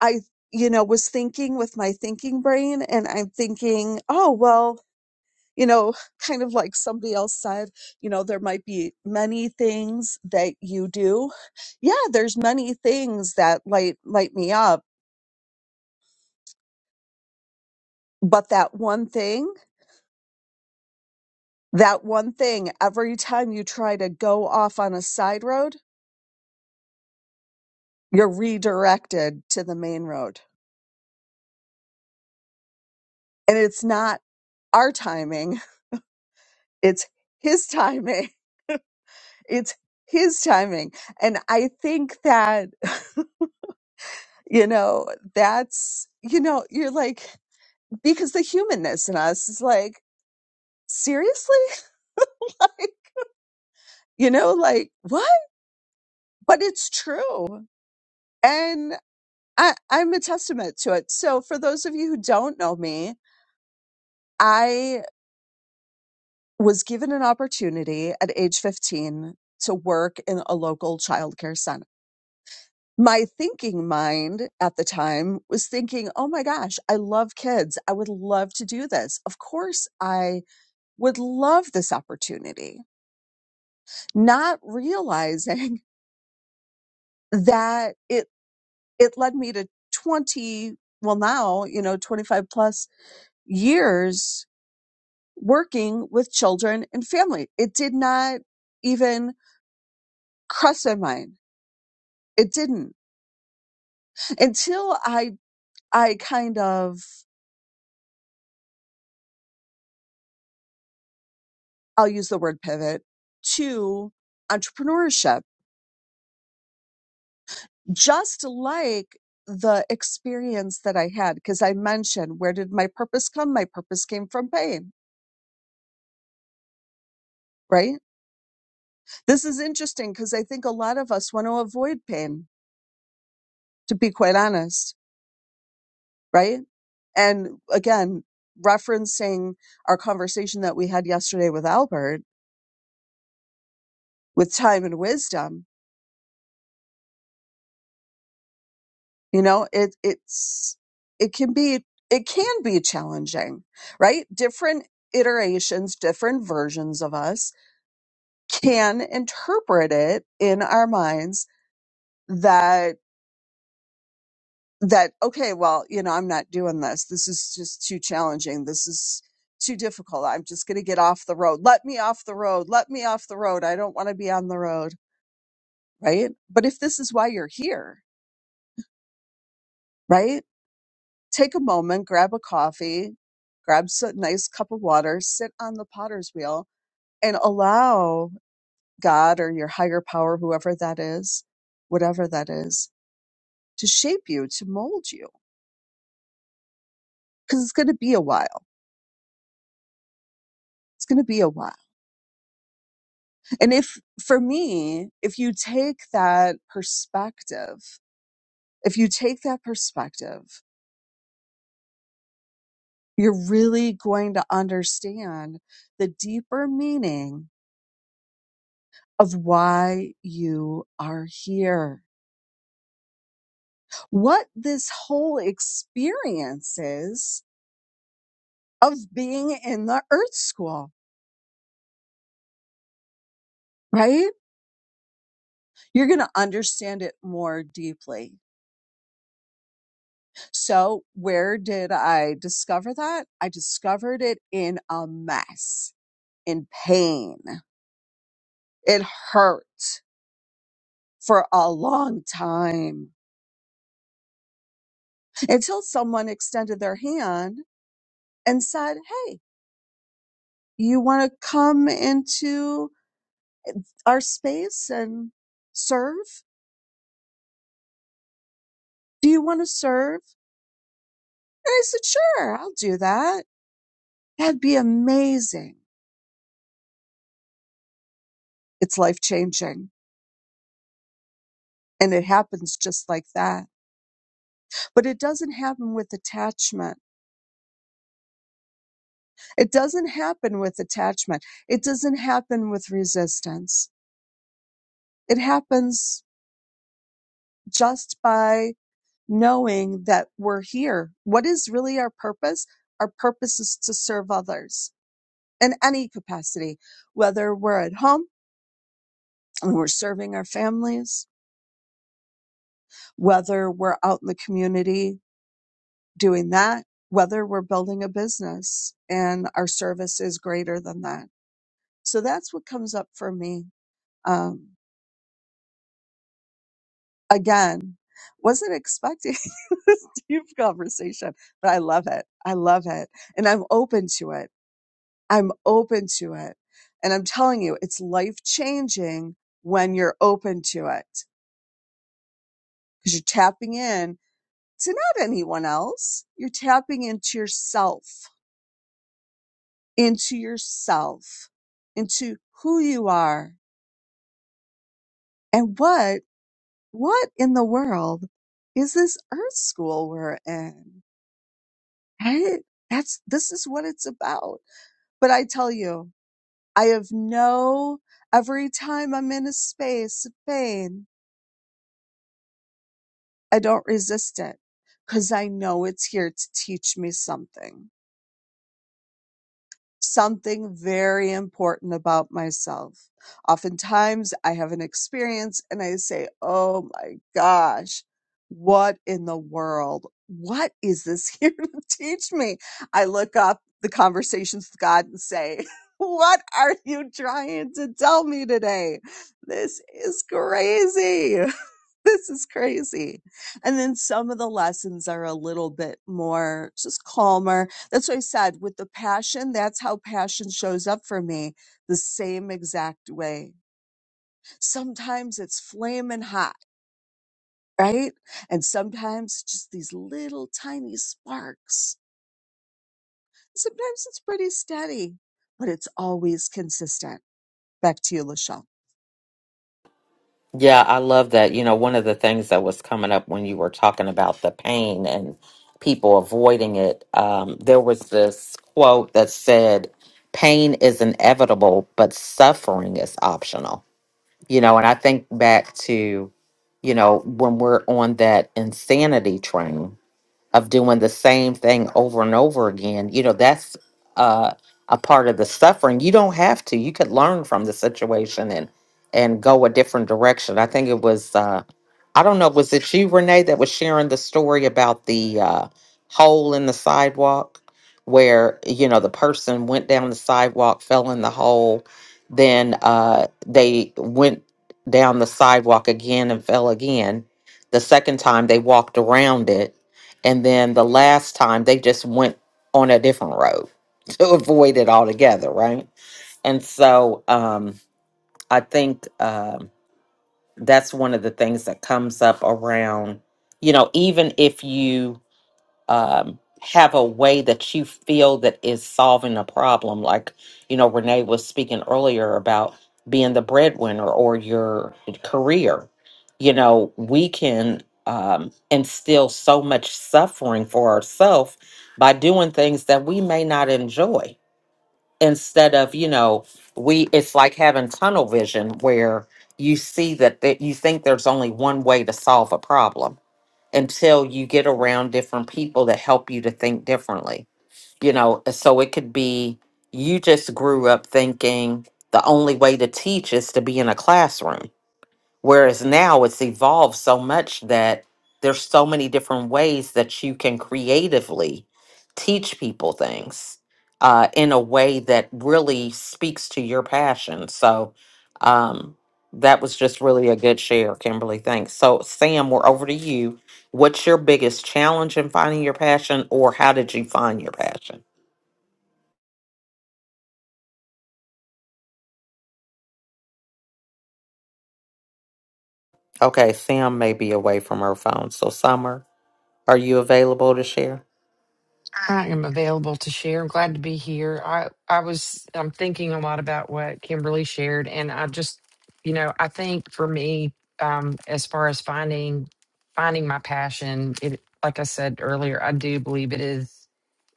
Speaker 5: I, you know, was thinking with my thinking brain and I'm thinking, oh, well, you know, kind of like somebody else said, you know, there might be many things that you do. Yeah, there's many things that light light me up, but that one thing, that one thing every time you try to go off on a side road, you're redirected to the main road. And it's not our timing, it's his timing. It's his timing. And I think that, you know, that's, you know, you're like, because the humanness in us is like, seriously? like, you know, like, what? But it's true. And I, I'm a testament to it. So for those of you who don't know me, I was given an opportunity at age 15 to work in a local childcare my thinking mind at the time was thinking, oh my gosh, I love kids. I would love to do this. Of course, I would love this opportunity, not realizing that it, it led me to 20, well, now, you know, 25 plus years working with children and family. It did not even cross my mind. It didn't until I, I kind of I'll use the word pivot to entrepreneurship, just like the experience that I had. Cause I mentioned, where did my purpose come? My purpose came from pain, right? This is interesting because I think a lot of us want to avoid pain, to be quite honest, right? And again, referencing our conversation that we had yesterday with Albert with time and wisdom, you know it it's it can be it can be challenging right different iterations different versions of us can interpret it in our minds that that okay well you know i'm not doing this this is just too challenging this is too difficult i'm just going to get off the road let me off the road let me off the road i don't want to be on the road right but if this is why you're here right take a moment, grab a coffee, grab a nice cup of water, sit on the potter's wheel, and allow God or your higher power, whoever that is, whatever that is, to shape you, to mold you. Because it's going to be a while. It's going to be a while. And if, for me, if you take that perspective, if you take that perspective, you're really going to understand the deeper meaning of why you are here what this whole experience is of being in the earth school, right? You're going to understand it more deeply. So, where did I discover that? I discovered it in a mess, in pain. It hurt for a long time until someone extended their hand and said, Hey, you want to come into our space and serve? Do you want to serve? And I said, sure, I'll do that. That'd be amazing. It's life changing. And it happens just like that. But it doesn't happen with attachment. It doesn't happen with attachment. It doesn't happen with resistance. It happens just by knowing that we're here. What is really our purpose? Our purpose is to serve others in any capacity, whether we're at home and we're serving our families, whether we're out in the community doing that, whether we're building a business and our service is greater than that. So that's what comes up for me. Um, again, wasn't expecting this deep conversation, but I love it. I love it. And I'm open to it. I'm open to it. And I'm telling you, it's life changing when you're open to it because you're tapping in to not anyone else. You're tapping into yourself into yourself, into who you are and what, what in the world is this earth school we're in? Right? That's, this is what it's about. But I tell you, I have no, every time I'm in a space of pain, I don't resist it because I know it's here to teach me something. something very important about myself. Oftentimes I have an experience and I say, Oh my gosh, what in the world? What is this here to teach me? I look up the conversations with God and say, What are you trying to tell me today? This is crazy. This is crazy. And then some of the lessons are a little bit more just calmer that's what I said with the passion. That's how passion shows up for me the same exact way. Sometimes it's flaming hot, right? And sometimes just these little tiny sparks. Sometimes it's pretty steady, but it's always consistent. Back to you, Lachelle.
Speaker 1: Yeah, I love that. You know, one of the things that was coming up when you were talking about the pain and people avoiding it, um, there was this quote that said, Pain is inevitable, but suffering is optional. You know, and I think back to, you know, when we're on that insanity train of doing the same thing over and over again. You know, that's uh, a part of the suffering. You don't have to. You could learn from the situation and and go a different direction. I think it was. Uh, I don't know, was it you, Renee, that was sharing the story about the uh, hole in the sidewalk where, you know, the person went down the sidewalk, fell in the hole, then uh, they went down the sidewalk again and fell again. The second time they walked around it. And then the last time they just went on a different road to avoid it altogether, right? And so um, I think. Um, that's one of the things that comes up around you know even if you um have a way that you feel that is solving a problem like you know renee was speaking earlier about being the breadwinner or your career you know we can um instill so much suffering for ourselves by doing things that we may not enjoy instead of you know we it's like having tunnel vision where you see that that you think there's only one way to solve a problem until you get around different people that help you to think differently you know so it could be you just grew up thinking the only way to teach is to be in a classroom Whereas now it's evolved so much that there's so many different ways that you can creatively teach people things uh, in a way that really speaks to your passion. So um, that was just really a good share, Kimberly. Thanks. So, Sam, we're over to you. What's your biggest challenge in finding your passion, or how did you find your passion? Okay, Sam may be away from her phone. So, Summer, are you available to share?
Speaker 4: I am available to share. I'm glad to be here. I I was I'm thinking a lot about what Kimberly shared, and I just you know I think for me, um, as far as finding finding my passion, it like I said earlier, I do believe it is.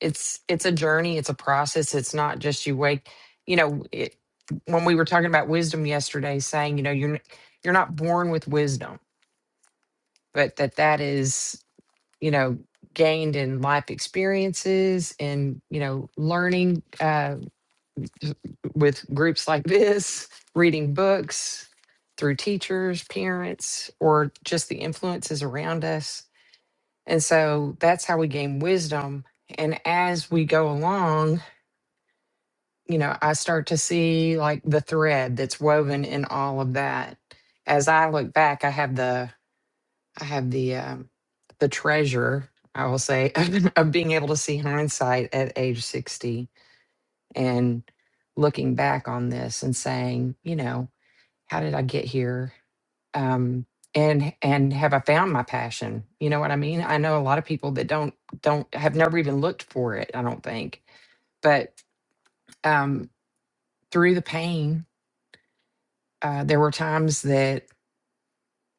Speaker 4: It's it's a journey. It's a process. It's not just you wake. You know, it, when we were talking about wisdom yesterday, saying you know you're n- you're not born with wisdom, but that that is you know gained in life experiences and you know learning uh, with groups like this reading books through teachers parents or just the influences around us and so that's how we gain wisdom and as we go along you know i start to see like the thread that's woven in all of that as i look back i have the I have the um, the treasure, I will say, of of being able to see hindsight at age sixty and looking back on this and saying, you know, how did I get here? Um, and and have I found my passion? You know what I mean? I know a lot of people that don't don't have never even looked for it. I don't think, but um, through the pain, uh, there were times that,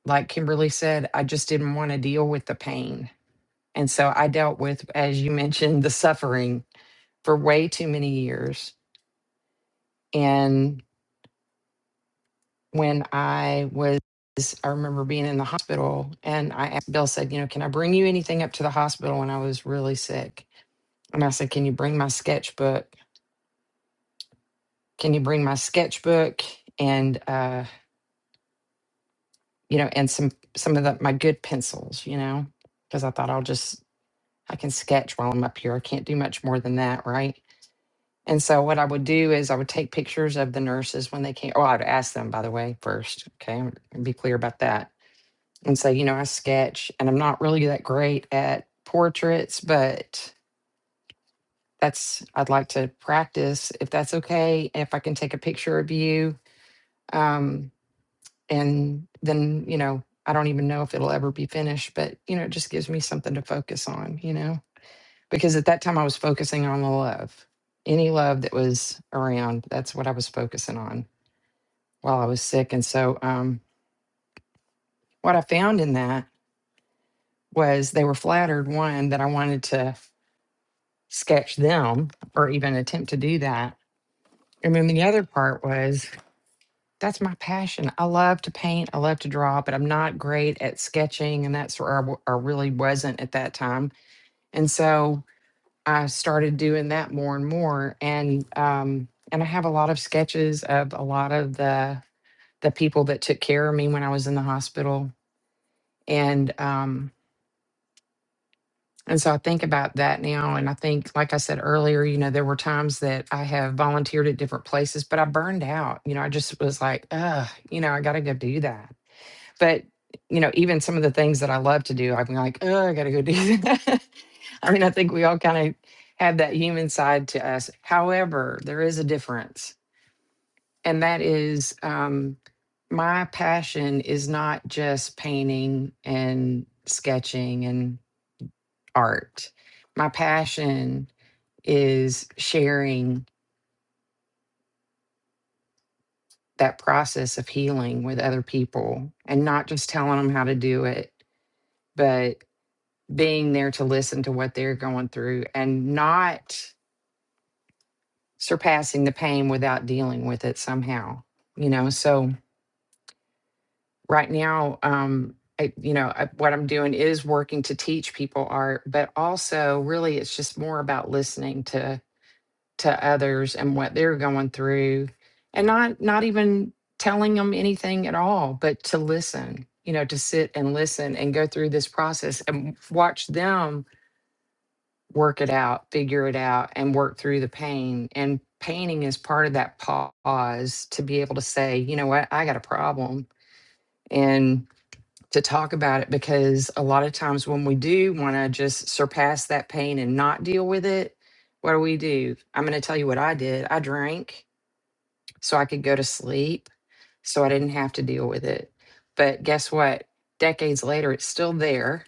Speaker 4: like Kimberly said, I just didn't want to deal with the pain And so I dealt with, as you mentioned, the suffering for way too many years. And when I was, I remember being in the hospital and I asked, Bill said, you know, can I bring you anything up to the hospital when I was really sick? And I said, can you bring my sketchbook? Can you bring my sketchbook and, uh, you know, and some, some of the, my good pencils, you know, because I thought I'll just, I can sketch while I'm up here. I can't do much more than that. Right. And so what I would do is I would take pictures of the nurses when they came. Oh, I'd ask them, by the way, first. Okay. I'm- Be clear about that. And say, you know, I sketch and I'm not really that great at portraits, but that's, I'd like to practice if that's okay. If I can take a picture of you. Um, and then, you know, I don't even know if it'll ever be finished, but, you know, it just gives me something to focus on, you know, because at that time I was focusing on the love, any love that was around. That's what I was focusing on while I was sick. And so, um, what I found in that was they were flattered, one, that I wanted to sketch them or even attempt to do that. And then the other part was that's my passion. I love to paint, I love to draw, but I'm not great at sketching. And that's where I, w- I really wasn't at that time. And so, I started doing that more and more. And, um, and I have a lot of sketches of a lot of the the people that took care of me when I was in the hospital. And um, And so I think about that now. And I think, like I said earlier, you know, there were times that I have volunteered at different places, but I burned out. You know, I just was like, ugh, you know, I got to go do that. But, you know, even some of the things that I love to do, I'm like, oh, I got to go do that. I mean, I think we all kind of have that human side to us. However, there is a difference. And that is um, my passion is not just painting and sketching and art. My passion is sharing that process of healing with other people and not just telling them how to do it, but being there to listen to what they're going through and not surpassing the pain without dealing with it somehow. You know, so right now, um, I, you know, I, what I'm doing is working to teach people art, but also really it's just more about listening to to others and what they're going through and not not even telling them anything at all but to listen you know to sit and listen and go through this process and watch them work it out figure it out and work through the pain and painting is part of that pause to be able to say you know what i got a problem and to talk about it because a lot of times when we do want to just surpass that pain and not deal with it what do we do i'm going to tell you what i did i drank so I could go to sleep so I didn't have to deal with it. But guess what? Decades later, it's still there.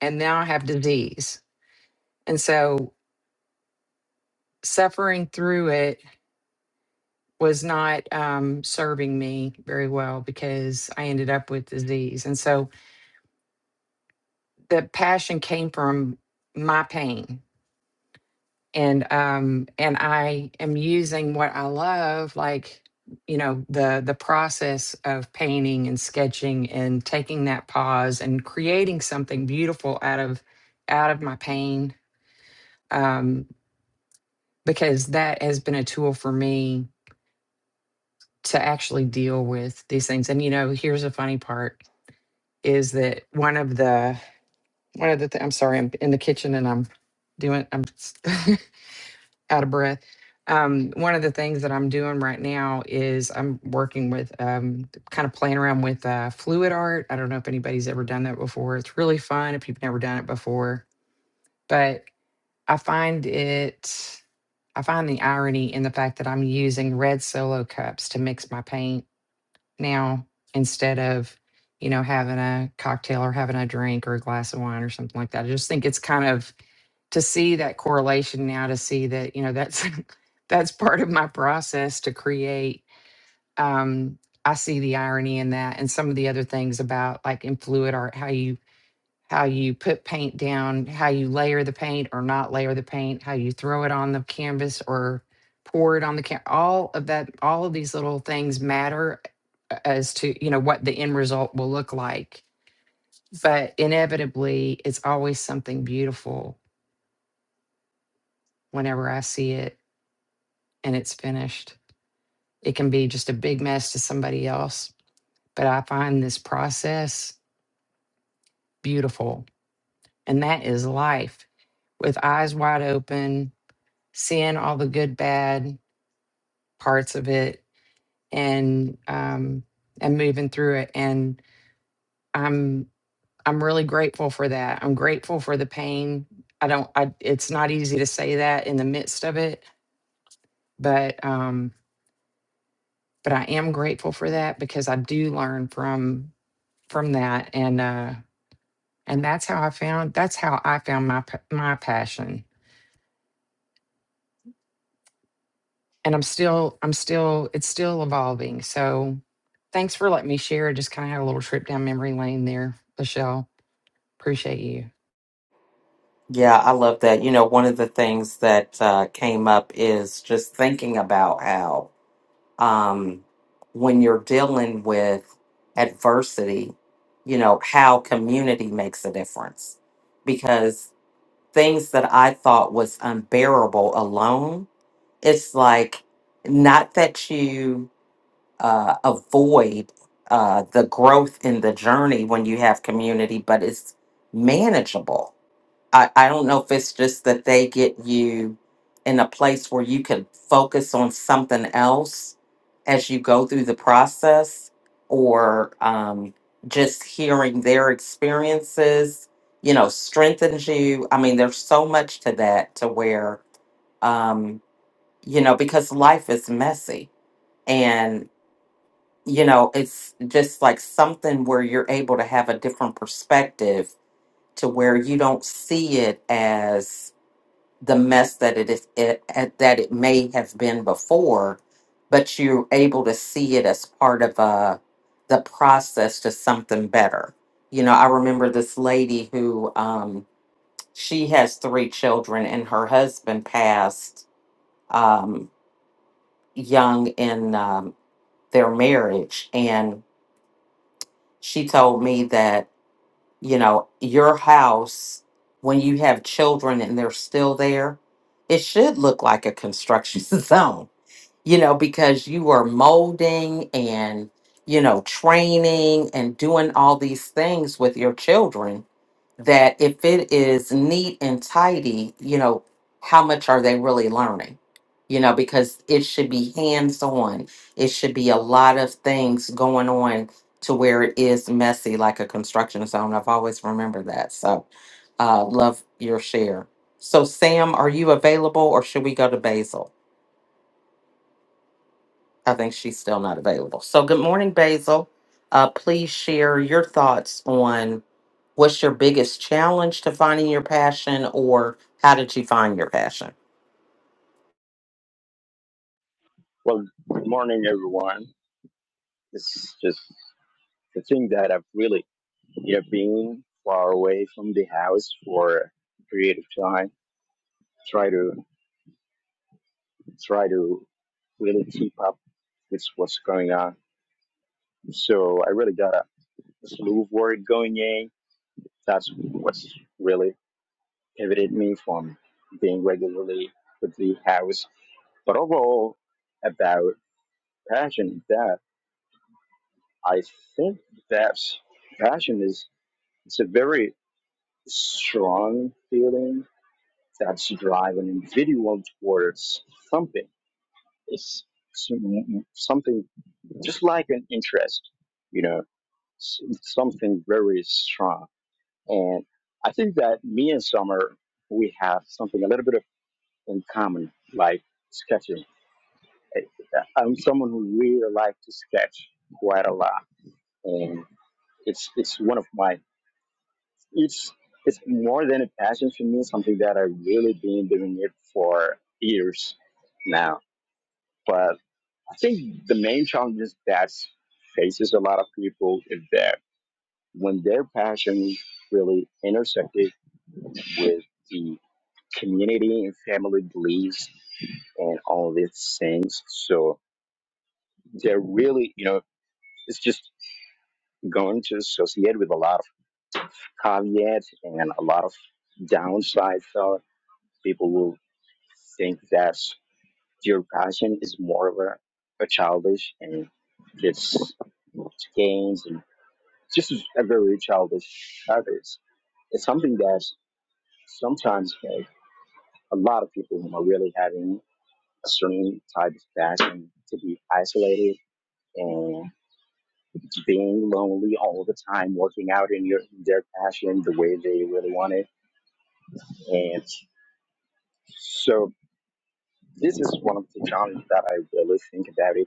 Speaker 4: And now I have disease. And so suffering through it was not um, serving me very well because I ended up with disease. And so the passion came from my pain and um and i am using what i love like you know the the process of painting and sketching and taking that pause and creating something beautiful out of out of my pain um because that has been a tool for me to actually deal with these things and you know here's the funny part is that one of the one of the th- i'm sorry i'm in the kitchen and i'm doing i'm out of breath. Um, one of the things that I'm doing right now is I'm working with um, kind of playing around with uh, fluid art. I don't know if anybody's ever done that before. It's really fun if you've never done it before, but I find it. I find the irony in the fact that I'm using red solo cups to mix my paint now instead of, you know, having a cocktail or having a drink or a glass of wine or something like that. I just think it's kind of to see that correlation now to see that you know that's that's part of my process to create um i see the irony in that and some of the other things about like in fluid art how you how you put paint down how you layer the paint or not layer the paint how you throw it on the canvas or pour it on the can all of that all of these little things matter as to you know what the end result will look like but inevitably it's always something beautiful whenever i see it and it's finished. It can be just a big mess to somebody else, but I find this process beautiful. And that is life with eyes wide open, seeing all the good, bad parts of it and um and moving through it. And I'm I'm really grateful for that. I'm grateful for the pain. I don't I it's not easy to say that in the midst of it, but um but I am grateful for that because I do learn from from that and uh and that's how i found that's how i found my p- my passion and i'm still i'm still it's still evolving so thanks for letting me share I just kind of had a little trip down memory lane there michelle appreciate you
Speaker 1: Yeah, I love that. You know, one of the things that uh, came up is just thinking about how um, when you're dealing with adversity, you know, how community makes a difference. Because things that I thought was unbearable alone, it's like not that you uh, avoid uh, the growth in the journey when you have community, but it's manageable I, I don't know if it's just that they get you in a place where you can focus on something else as you go through the process or um, just hearing their experiences, you know, strengthens you. I mean, there's so much to that to where, um, you know, because life is messy and, you know, it's just like something where you're able to have a different perspective to where you don't see it as the mess that it is it, it- that it may have been before, but you're able to see it as part of uh the process to something better. You know, I remember this lady who um, she has three children, and her husband passed um, young in um, their marriage, and she told me that you know your house when you have children and they're still there, it should look like a construction zone you know, because you are molding and, you know, training and doing all these things with your children that if it is neat and tidy, you know, how much are they really learning? You know, because it should be hands on. It should be a lot of things going on to where it is messy, like a construction zone. I've always remembered that. So, uh, love your share. So, Sam, are you available or should we go to Basil? I think she's still not available. So, good morning, Basil. Uh, please share your thoughts on what's your biggest challenge to finding your passion, or how did you find your passion?
Speaker 7: Well, good morning, everyone. It's just the thing that I've really, you know, been far away from the house for a period of time, try to try to really keep up with what's going on. So I really got a slew of work going in. That's what's really pivoted me from being regularly with the house. But overall, about passion, that I think that passion is it's a very strong feeling that's drive an individual towards something. It's some- something just like an interest, you know, s- something very strong. And I think that me and Summer, we have something a little bit of in common, like sketching. I- I'm someone who really likes to sketch quite a lot, and it's it's one of my it's it's more than a passion for me, something that i really been doing it for years now. But I think the main challenges that faces a lot of people is that when their passion really intersected with the community and family beliefs and all these things, so they're really, you know, it's just going to associate with a lot of caveats and a lot of downsides. So people will think that your passion is more of a, a childish and just games and just a very childish habits. It's something that sometimes like, a lot of people who are really having a certain type of passion to be isolated and being lonely all the time, working out in your their passion the way they really want it. And so this is one of the challenges that I really think about it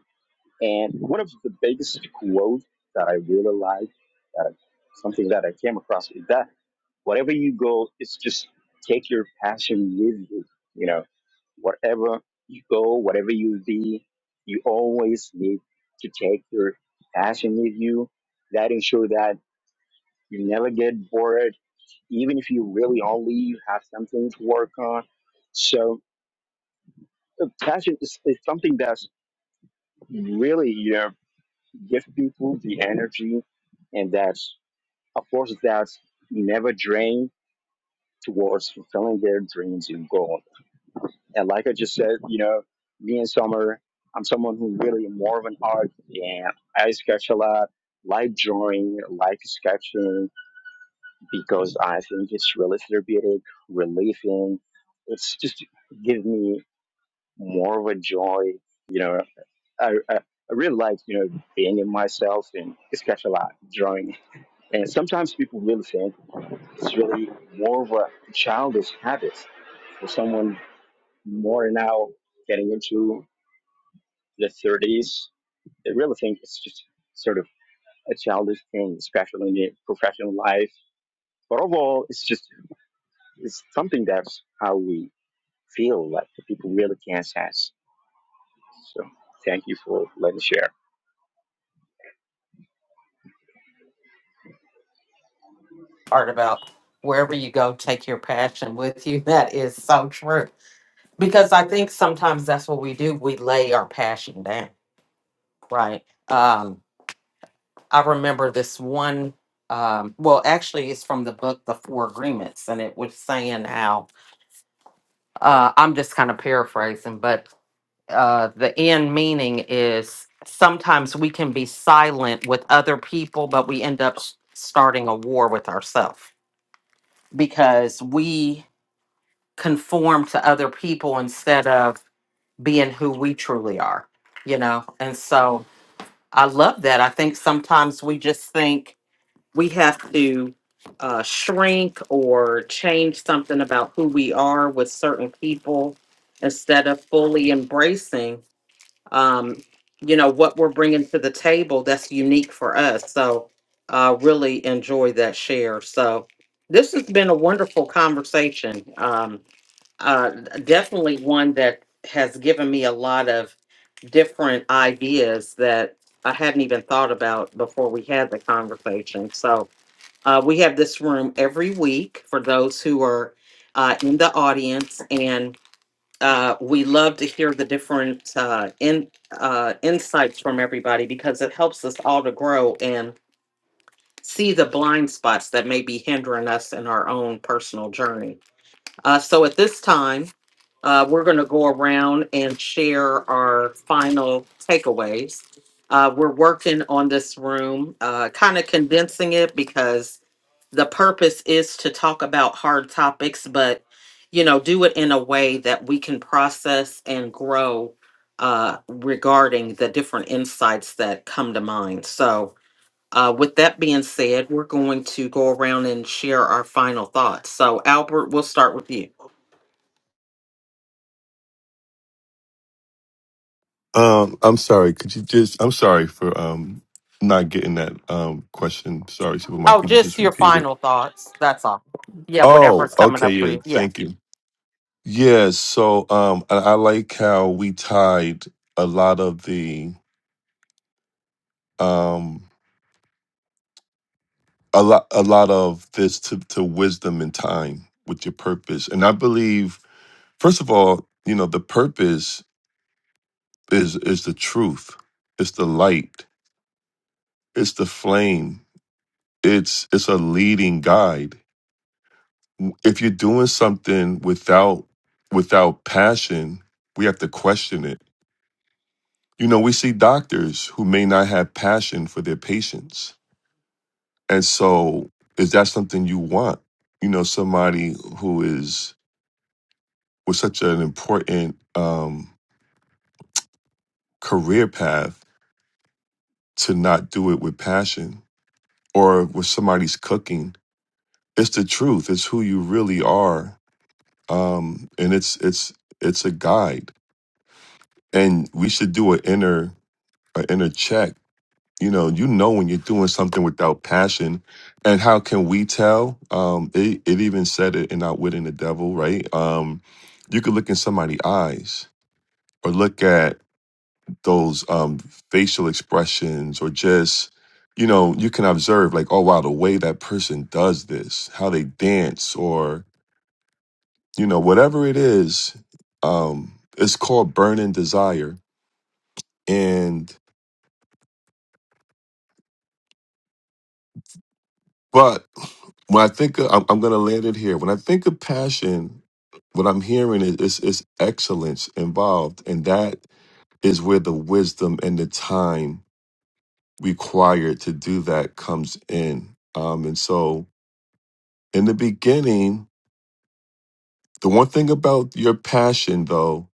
Speaker 7: And one of the biggest quotes that I really like, uh, something that I came across, is that wherever you go, it's just take your passion with you. You know, wherever you go, whatever you be, you always need to take your passion with you. That ensure that you never get bored, even if you really only you have something to work on. So, uh, passion is, is something that's really, you know, give people the energy and that of course that never drain towards fulfilling their dreams and goals. And like I just said, you know, me and Summer, I'm someone who really more of an art and I sketch a lot, like drawing, like sketching because I think it's really therapeutic, relieving. It's just give me more of a joy. You know, I, I, I really like, you know, being in myself and sketch a lot, drawing And sometimes people really think it's really more of a childish habit for someone more now getting into the 30s. They really think it's just sort of a childish thing, especially in the professional life. But overall, it's just it's something that's how we feel like the people really can't sense. So thank you for letting me share.
Speaker 1: Part about wherever you go, take your passion with you. That is so true because I think sometimes that's what we do. We lay our passion down, right? Um, I remember this one. Um, well, actually, it's from the book The Four Agreements, and it was saying how uh, I'm just kind of paraphrasing, but uh, the end meaning is sometimes we can be silent with other people, but we end up s- starting a war with ourselves because we conform to other people instead of being who we truly are, you know? And so I love that. I think sometimes we just think, we have to uh, shrink or change something about who we are with certain people instead of fully embracing um, you know what we're bringing to the table that's unique for us so uh, really enjoy that share so this has been a wonderful conversation um, uh, definitely one that has given me a lot of different ideas that I hadn't even thought about before we had the conversation. So uh, we have this room every week for those who are uh, in the audience, and uh, we love to hear the different uh, in, uh, insights from everybody because it helps us all to grow and see the blind spots that may be hindering us in our own personal journey. Uh, so at this time, uh, we're going to go around and share our final takeaways. Uh, we're working on this room, uh, kind of condensing it because the purpose is to talk about hard topics, but you know, do it in a way that we can process and grow uh, regarding the different insights that come to mind. So, uh, with that being said, we're going to go around and share our final thoughts. So, Albert, we'll start with you.
Speaker 2: Um, I'm sorry. Could you just? I'm sorry for um not getting that um question. Sorry, Superman.
Speaker 1: Oh,
Speaker 2: Could you
Speaker 1: just
Speaker 2: just
Speaker 1: your
Speaker 2: repeat it?
Speaker 1: final thoughts. That's all. Yeah,
Speaker 2: Oh,
Speaker 1: whatever's coming
Speaker 2: okay.
Speaker 1: up for
Speaker 2: Yeah.
Speaker 1: you. Yeah.
Speaker 2: Thank you. Yeah. So, um, I, I like how we tied a lot of the um a lot a lot of this to to wisdom and time with your purpose. And I believe, first of all, you know, the purpose is is the truth. It's the light. It's the flame. It's it's a leading guide if you're doing something without without passion, we have to question it. You know, we see doctors who may not have passion for their patients. And so, is that something you want? You know, somebody who is with such an important um, career path to not do it with passion or with somebody's cooking. It's the truth. It's who you really are. Um, and it's it's it's a guide. And we should do an inner an inner check. You know, you know when you're doing something without passion, and how can we tell? Um, it, it even said it in Outwitting the Devil, right? Um, you could look in somebody's eyes or look at those um, facial expressions or just, you know, you can observe like, oh wow, the way that person does this, how they dance, or you know, whatever it is. Um, it's called burning desire, and. But when I think of, I'm, I'm going to land it here. When I think of passion, what I'm hearing is, is, is excellence involved. And that is where the wisdom and the time required to do that comes in. Um, and so in the beginning, the one thing about your passion, though,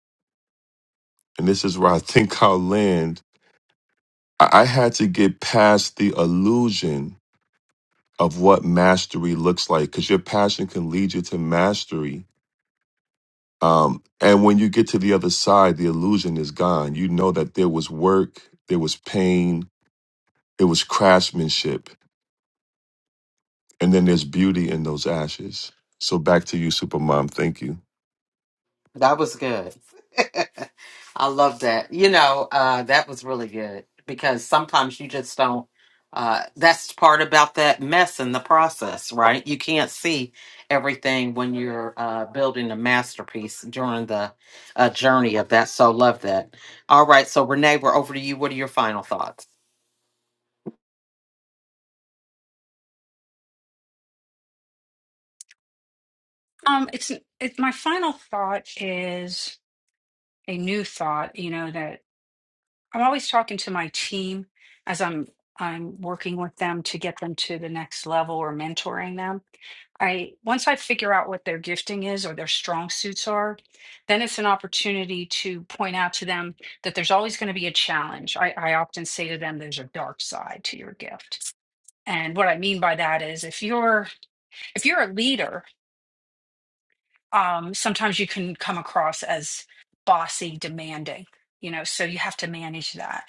Speaker 2: and this is where I think I'll land, I, I had to get past the illusion of what mastery looks like because your passion can lead you to mastery Um, and when you get to the other side, the illusion is gone. You know that there was work, there was pain, it was craftsmanship, and then there's beauty in those ashes. So back to you, Supermom. Thank you.
Speaker 1: That was good. I love that. You know, uh, that was really good because sometimes you just don't. Uh, that's part about that mess in the process, right? You can't see everything when you're uh, building a masterpiece during the uh, journey of that. So love that. All right, so Renee, we're over to you. What are your final thoughts?
Speaker 3: Um, it's it, my final thought is a new thought. You know that I'm always talking to my team as I'm I'm working with them to get them to the next level or mentoring them. I once I figure out what their gifting is or their strong suits are, then it's an opportunity to point out to them that there's always going to be a challenge. I, I often say to them, there's a dark side to your gift. And what I mean by that is if you're if you're a leader, um, sometimes you can come across as bossy, demanding, you know, so you have to manage that.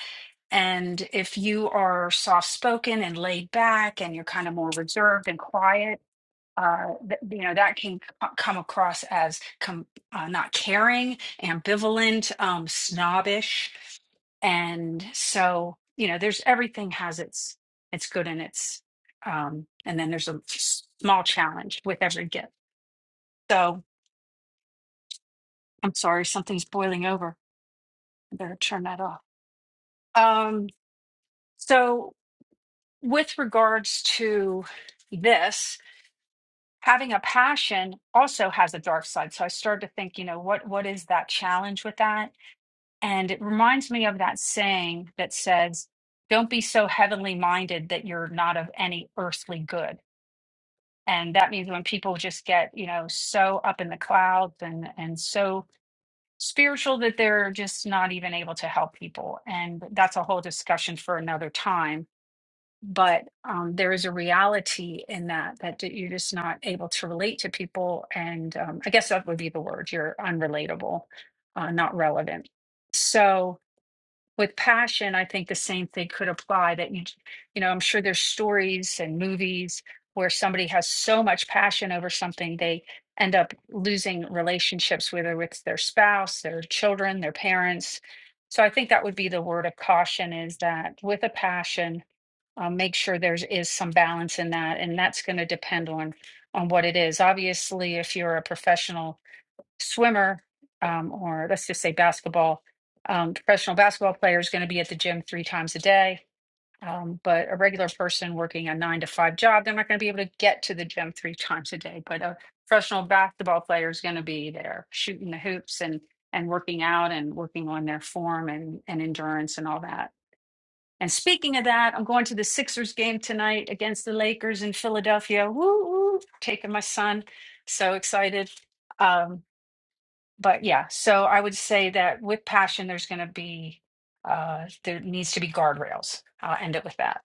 Speaker 3: And if you are soft spoken and laid back and you're kind of more reserved and quiet, uh, th- you know that can c- come across as com- uh, not caring, ambivalent, um, snobbish, and so you know there's everything has its its good and its um, and then there's a s- small challenge with every gift. So I'm sorry, something's boiling over. I better turn that off. Um, so with regards to this, having a passion also has a dark side. So I started to think, you know, what what is that challenge with that? And it reminds me of that saying that says, "Don't be so heavenly minded that you're not of any earthly good." And that means when people just get, you know, so up in the clouds and and so spiritual that they're just not even able to help people. And that's a whole discussion for another time but um, there is a reality in that that d- you're just not able to relate to people and um, i guess that would be the word you're unrelatable uh, not relevant so with passion i think the same thing could apply that you j- you know i'm sure there's stories and movies where somebody has so much passion over something they end up losing relationships whether it's their spouse their children their parents so i think that would be the word of caution is that with a passion uh, make sure there's is some balance in that, and that's going to depend on on what it is. Obviously, if you're a professional swimmer, um, or let's just say basketball, um, professional basketball player is going to be at the gym three times a day. Um, but a regular person working a nine to five job, they're not going to be able to get to the gym three times a day. But a professional basketball player is going to be there shooting the hoops and and working out and working on their form and and endurance and all that. And speaking of that, I'm going to the Sixers game tonight against the Lakers in Philadelphia. Woo, woo, taking my son. So excited. Um, but yeah, so I would say that with passion, there's going to be, uh, there needs to be guardrails. I'll end it with that.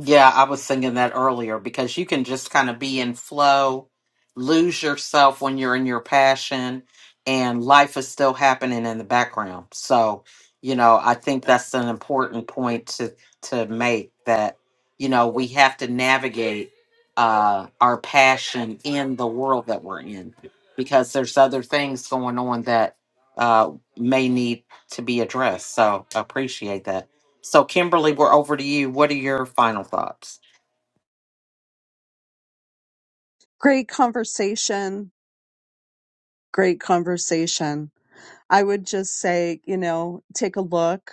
Speaker 1: Yeah, I was thinking that earlier because you can just kind of be in flow, lose yourself when you're in your passion, and life is still happening in the background. So, you know, I think that's an important point to to make that you know we have to navigate uh, our passion in the world that we're in because there's other things going on that uh, may need to be addressed. So, I appreciate that. So, Kimberly, we're over to you. What are your final thoughts?
Speaker 5: Great conversation. Great conversation. I would just say, you know, take a look.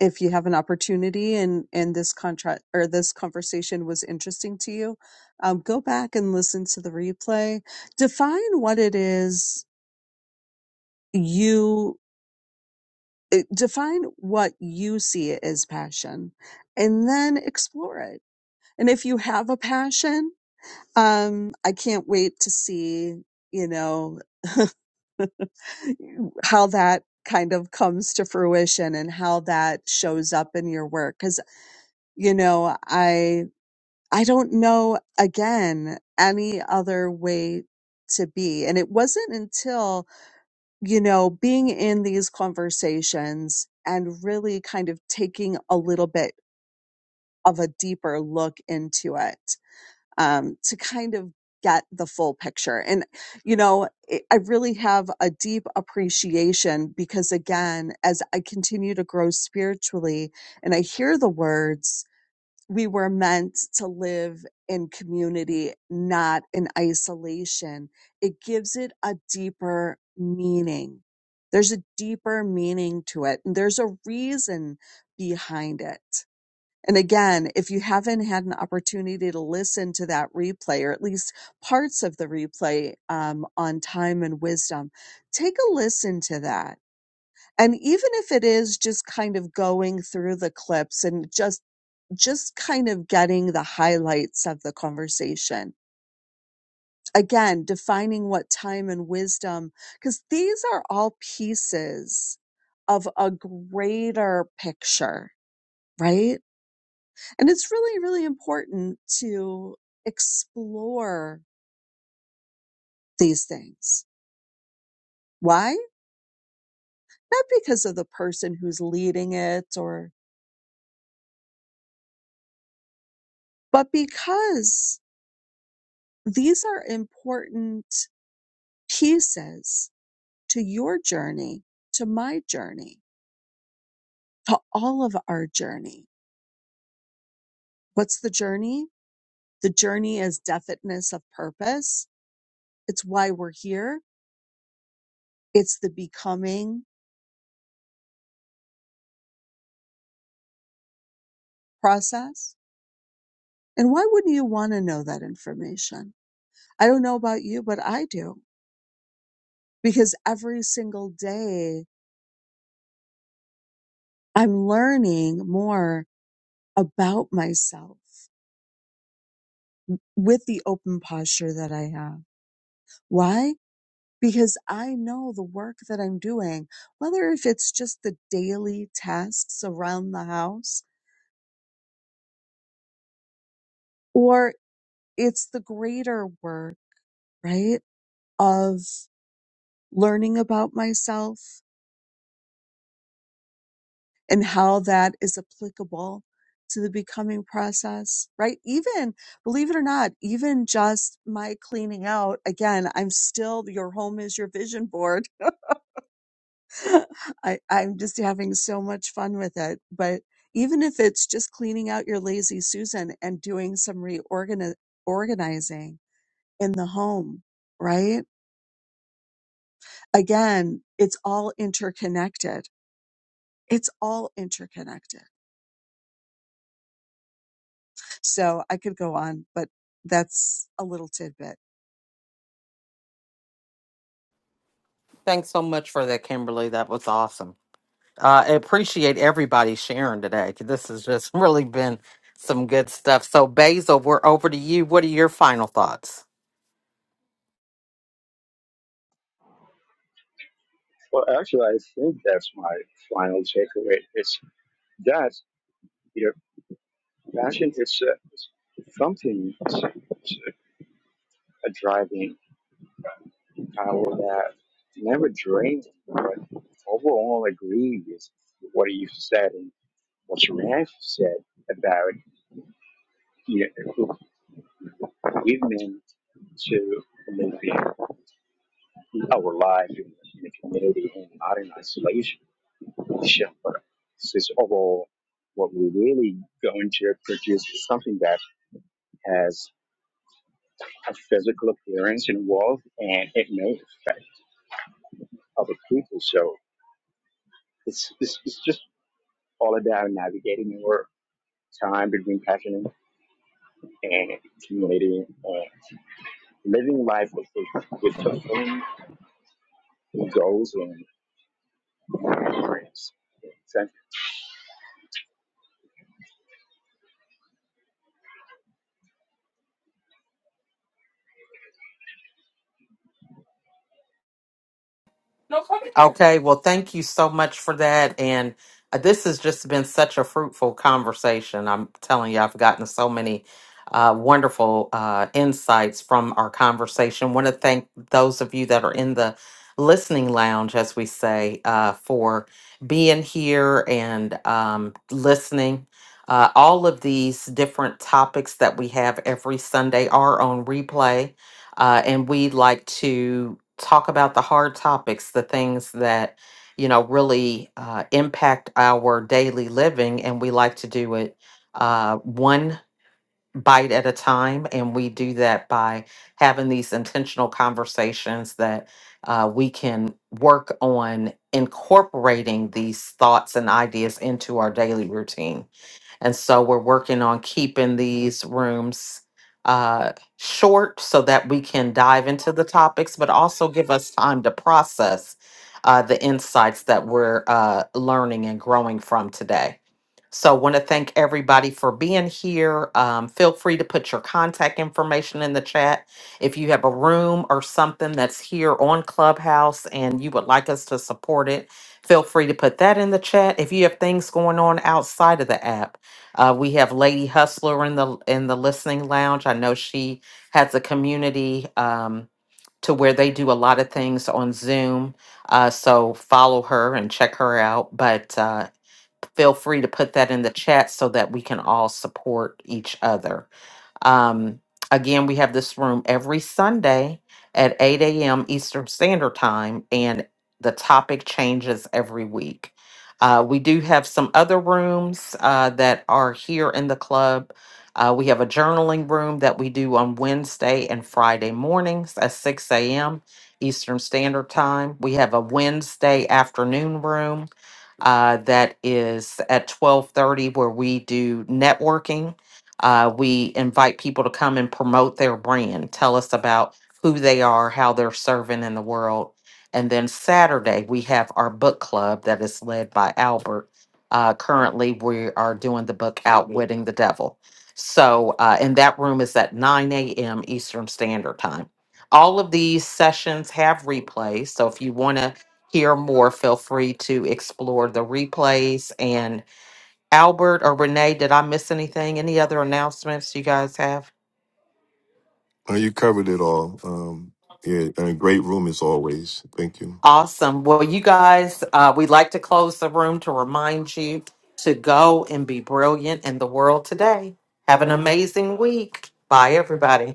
Speaker 5: if you have an opportunity and and this contract or this conversation was interesting to you um, go back and listen to the replay define what it is you eh, define what you see it as passion and then explore it and if you have a passion um i can't wait to see you know how that kind of comes to fruition and how that shows up in your work because you know I. I don't know again any other way to be. And it wasn't until, you know, being in these conversations and really kind of taking a little bit of a deeper look into it um, to kind of get the full picture. And, you know, it, I really have a deep appreciation because, again, as I continue to grow spiritually and I hear the words, we were meant to live in community, not in isolation. It gives it a deeper meaning. There's a deeper meaning to it, and there's a reason behind it. And again, if you haven't had an opportunity to listen to that replay, or at least parts of the replay um, on time and wisdom, take a listen to that. And even if it is just kind of going through the clips and just just kind of getting the highlights of the conversation. Again, defining what time and wisdom, because these are all pieces of a greater picture, right? And it's really, really important to explore these things. Why? Not because of the person who's leading it or, but because these are important pieces to your journey, to my journey to all of our journey. What's the journey? The journey is definiteness of purpose. It's why we're here. It's the becoming process. And why wouldn't you want to know that information? I don't know about you, but I do because every single day I'm learning more about myself with the open posture that I have. Why? because I know the work that I'm doing, whether if it's just the daily tasks around the house or it's the greater work, right? Of learning about myself and how that is applicable to the becoming process, right? Even believe it or not, even just my cleaning out again, I'm still your home is your vision board I, I'm just having so much fun with it. But even if it's just cleaning out your lazy Susan and doing some reorganizing organizing in the home, right? Again, it's all interconnected. It's all interconnected. So I could go on, but that's a little tidbit.
Speaker 1: Thanks so much for that, Kimberly. That was awesome. Uh, I appreciate everybody sharing today. 'cause This has just really been some good stuff. So, Basil, we're over to you. What are your final thoughts?
Speaker 7: Well, actually, I think that's my final takeaway. It's that. you know. Passion is uh, something, it's, it's a driving power that never drains, me, but overall agree with what you said and what Rand said about you know, commitment to moving our life in, in the community and not in isolation. Sure, But this is overall what we're really going to produce is something that has a physical appearance involved and it may affect other people. So it's, it's, it's just all about navigating your time between passion and accumulating, and living life with, with fulfilling goals and dreams.
Speaker 1: Okay, well, thank you so much for that. And uh, this has just been such a fruitful conversation. I'm telling you, I've gotten so many uh, wonderful uh, insights from our conversation. Want to thank those of you that are in the listening lounge, as we say, uh, for being here and um, listening. Uh, all of these different topics that we have every Sunday are on replay uh, and we like to talk about the hard topics, the things that you know really uh, impact our daily living, and we like to do it uh, one bite at a time, and we do that by having these intentional conversations that uh, we can work on incorporating these thoughts and ideas into our daily routine. And so we're working on keeping these rooms uh, short so that we can dive into the topics, but also give us time to process uh, the insights that we're uh, learning and growing from today. So, want to thank everybody for being here. Um, feel free to put your contact information in the chat. If you have a room or something that's here on Clubhouse and you would like us to support it, feel free to put that in the chat. If you have things going on outside of the app, uh, we have Lady Hustler in the in the listening lounge. I know she has a community um, to where they do a lot of things on Zoom. Uh, so follow her and check her out. But uh, feel free to put that in the chat so that we can all support each other. Um, again, we have this room every Sunday at 8 a.m. Eastern Standard Time, and the topic changes every week. Uh, we do have some other rooms uh, that are here in the club. Uh, we have a journaling room that we do on Wednesday and Friday mornings at 6 a.m. Eastern Standard Time. We have a Wednesday afternoon room uh, that is at 12:30 where we do networking uh, we invite people to come and promote their brand, tell us about who they are, how they're serving in the world. And then Saturday, we have our book club that is led by Albert. Uh, currently, we are doing the book Outwitting the Devil. So, uh, and that room is at 9 a.m. Eastern Standard Time. All of these sessions have replays. So, if you want to hear more, feel free to explore the replays. and. Albert or Renee, did I miss anything? Any other announcements you guys have?
Speaker 2: Uh, you covered it all. Um, yeah, and a great room as always. Thank you.
Speaker 1: Awesome. Well, you guys, uh, we like to close the room to remind you to go and be brilliant in the world today. Have an amazing week. Bye, everybody.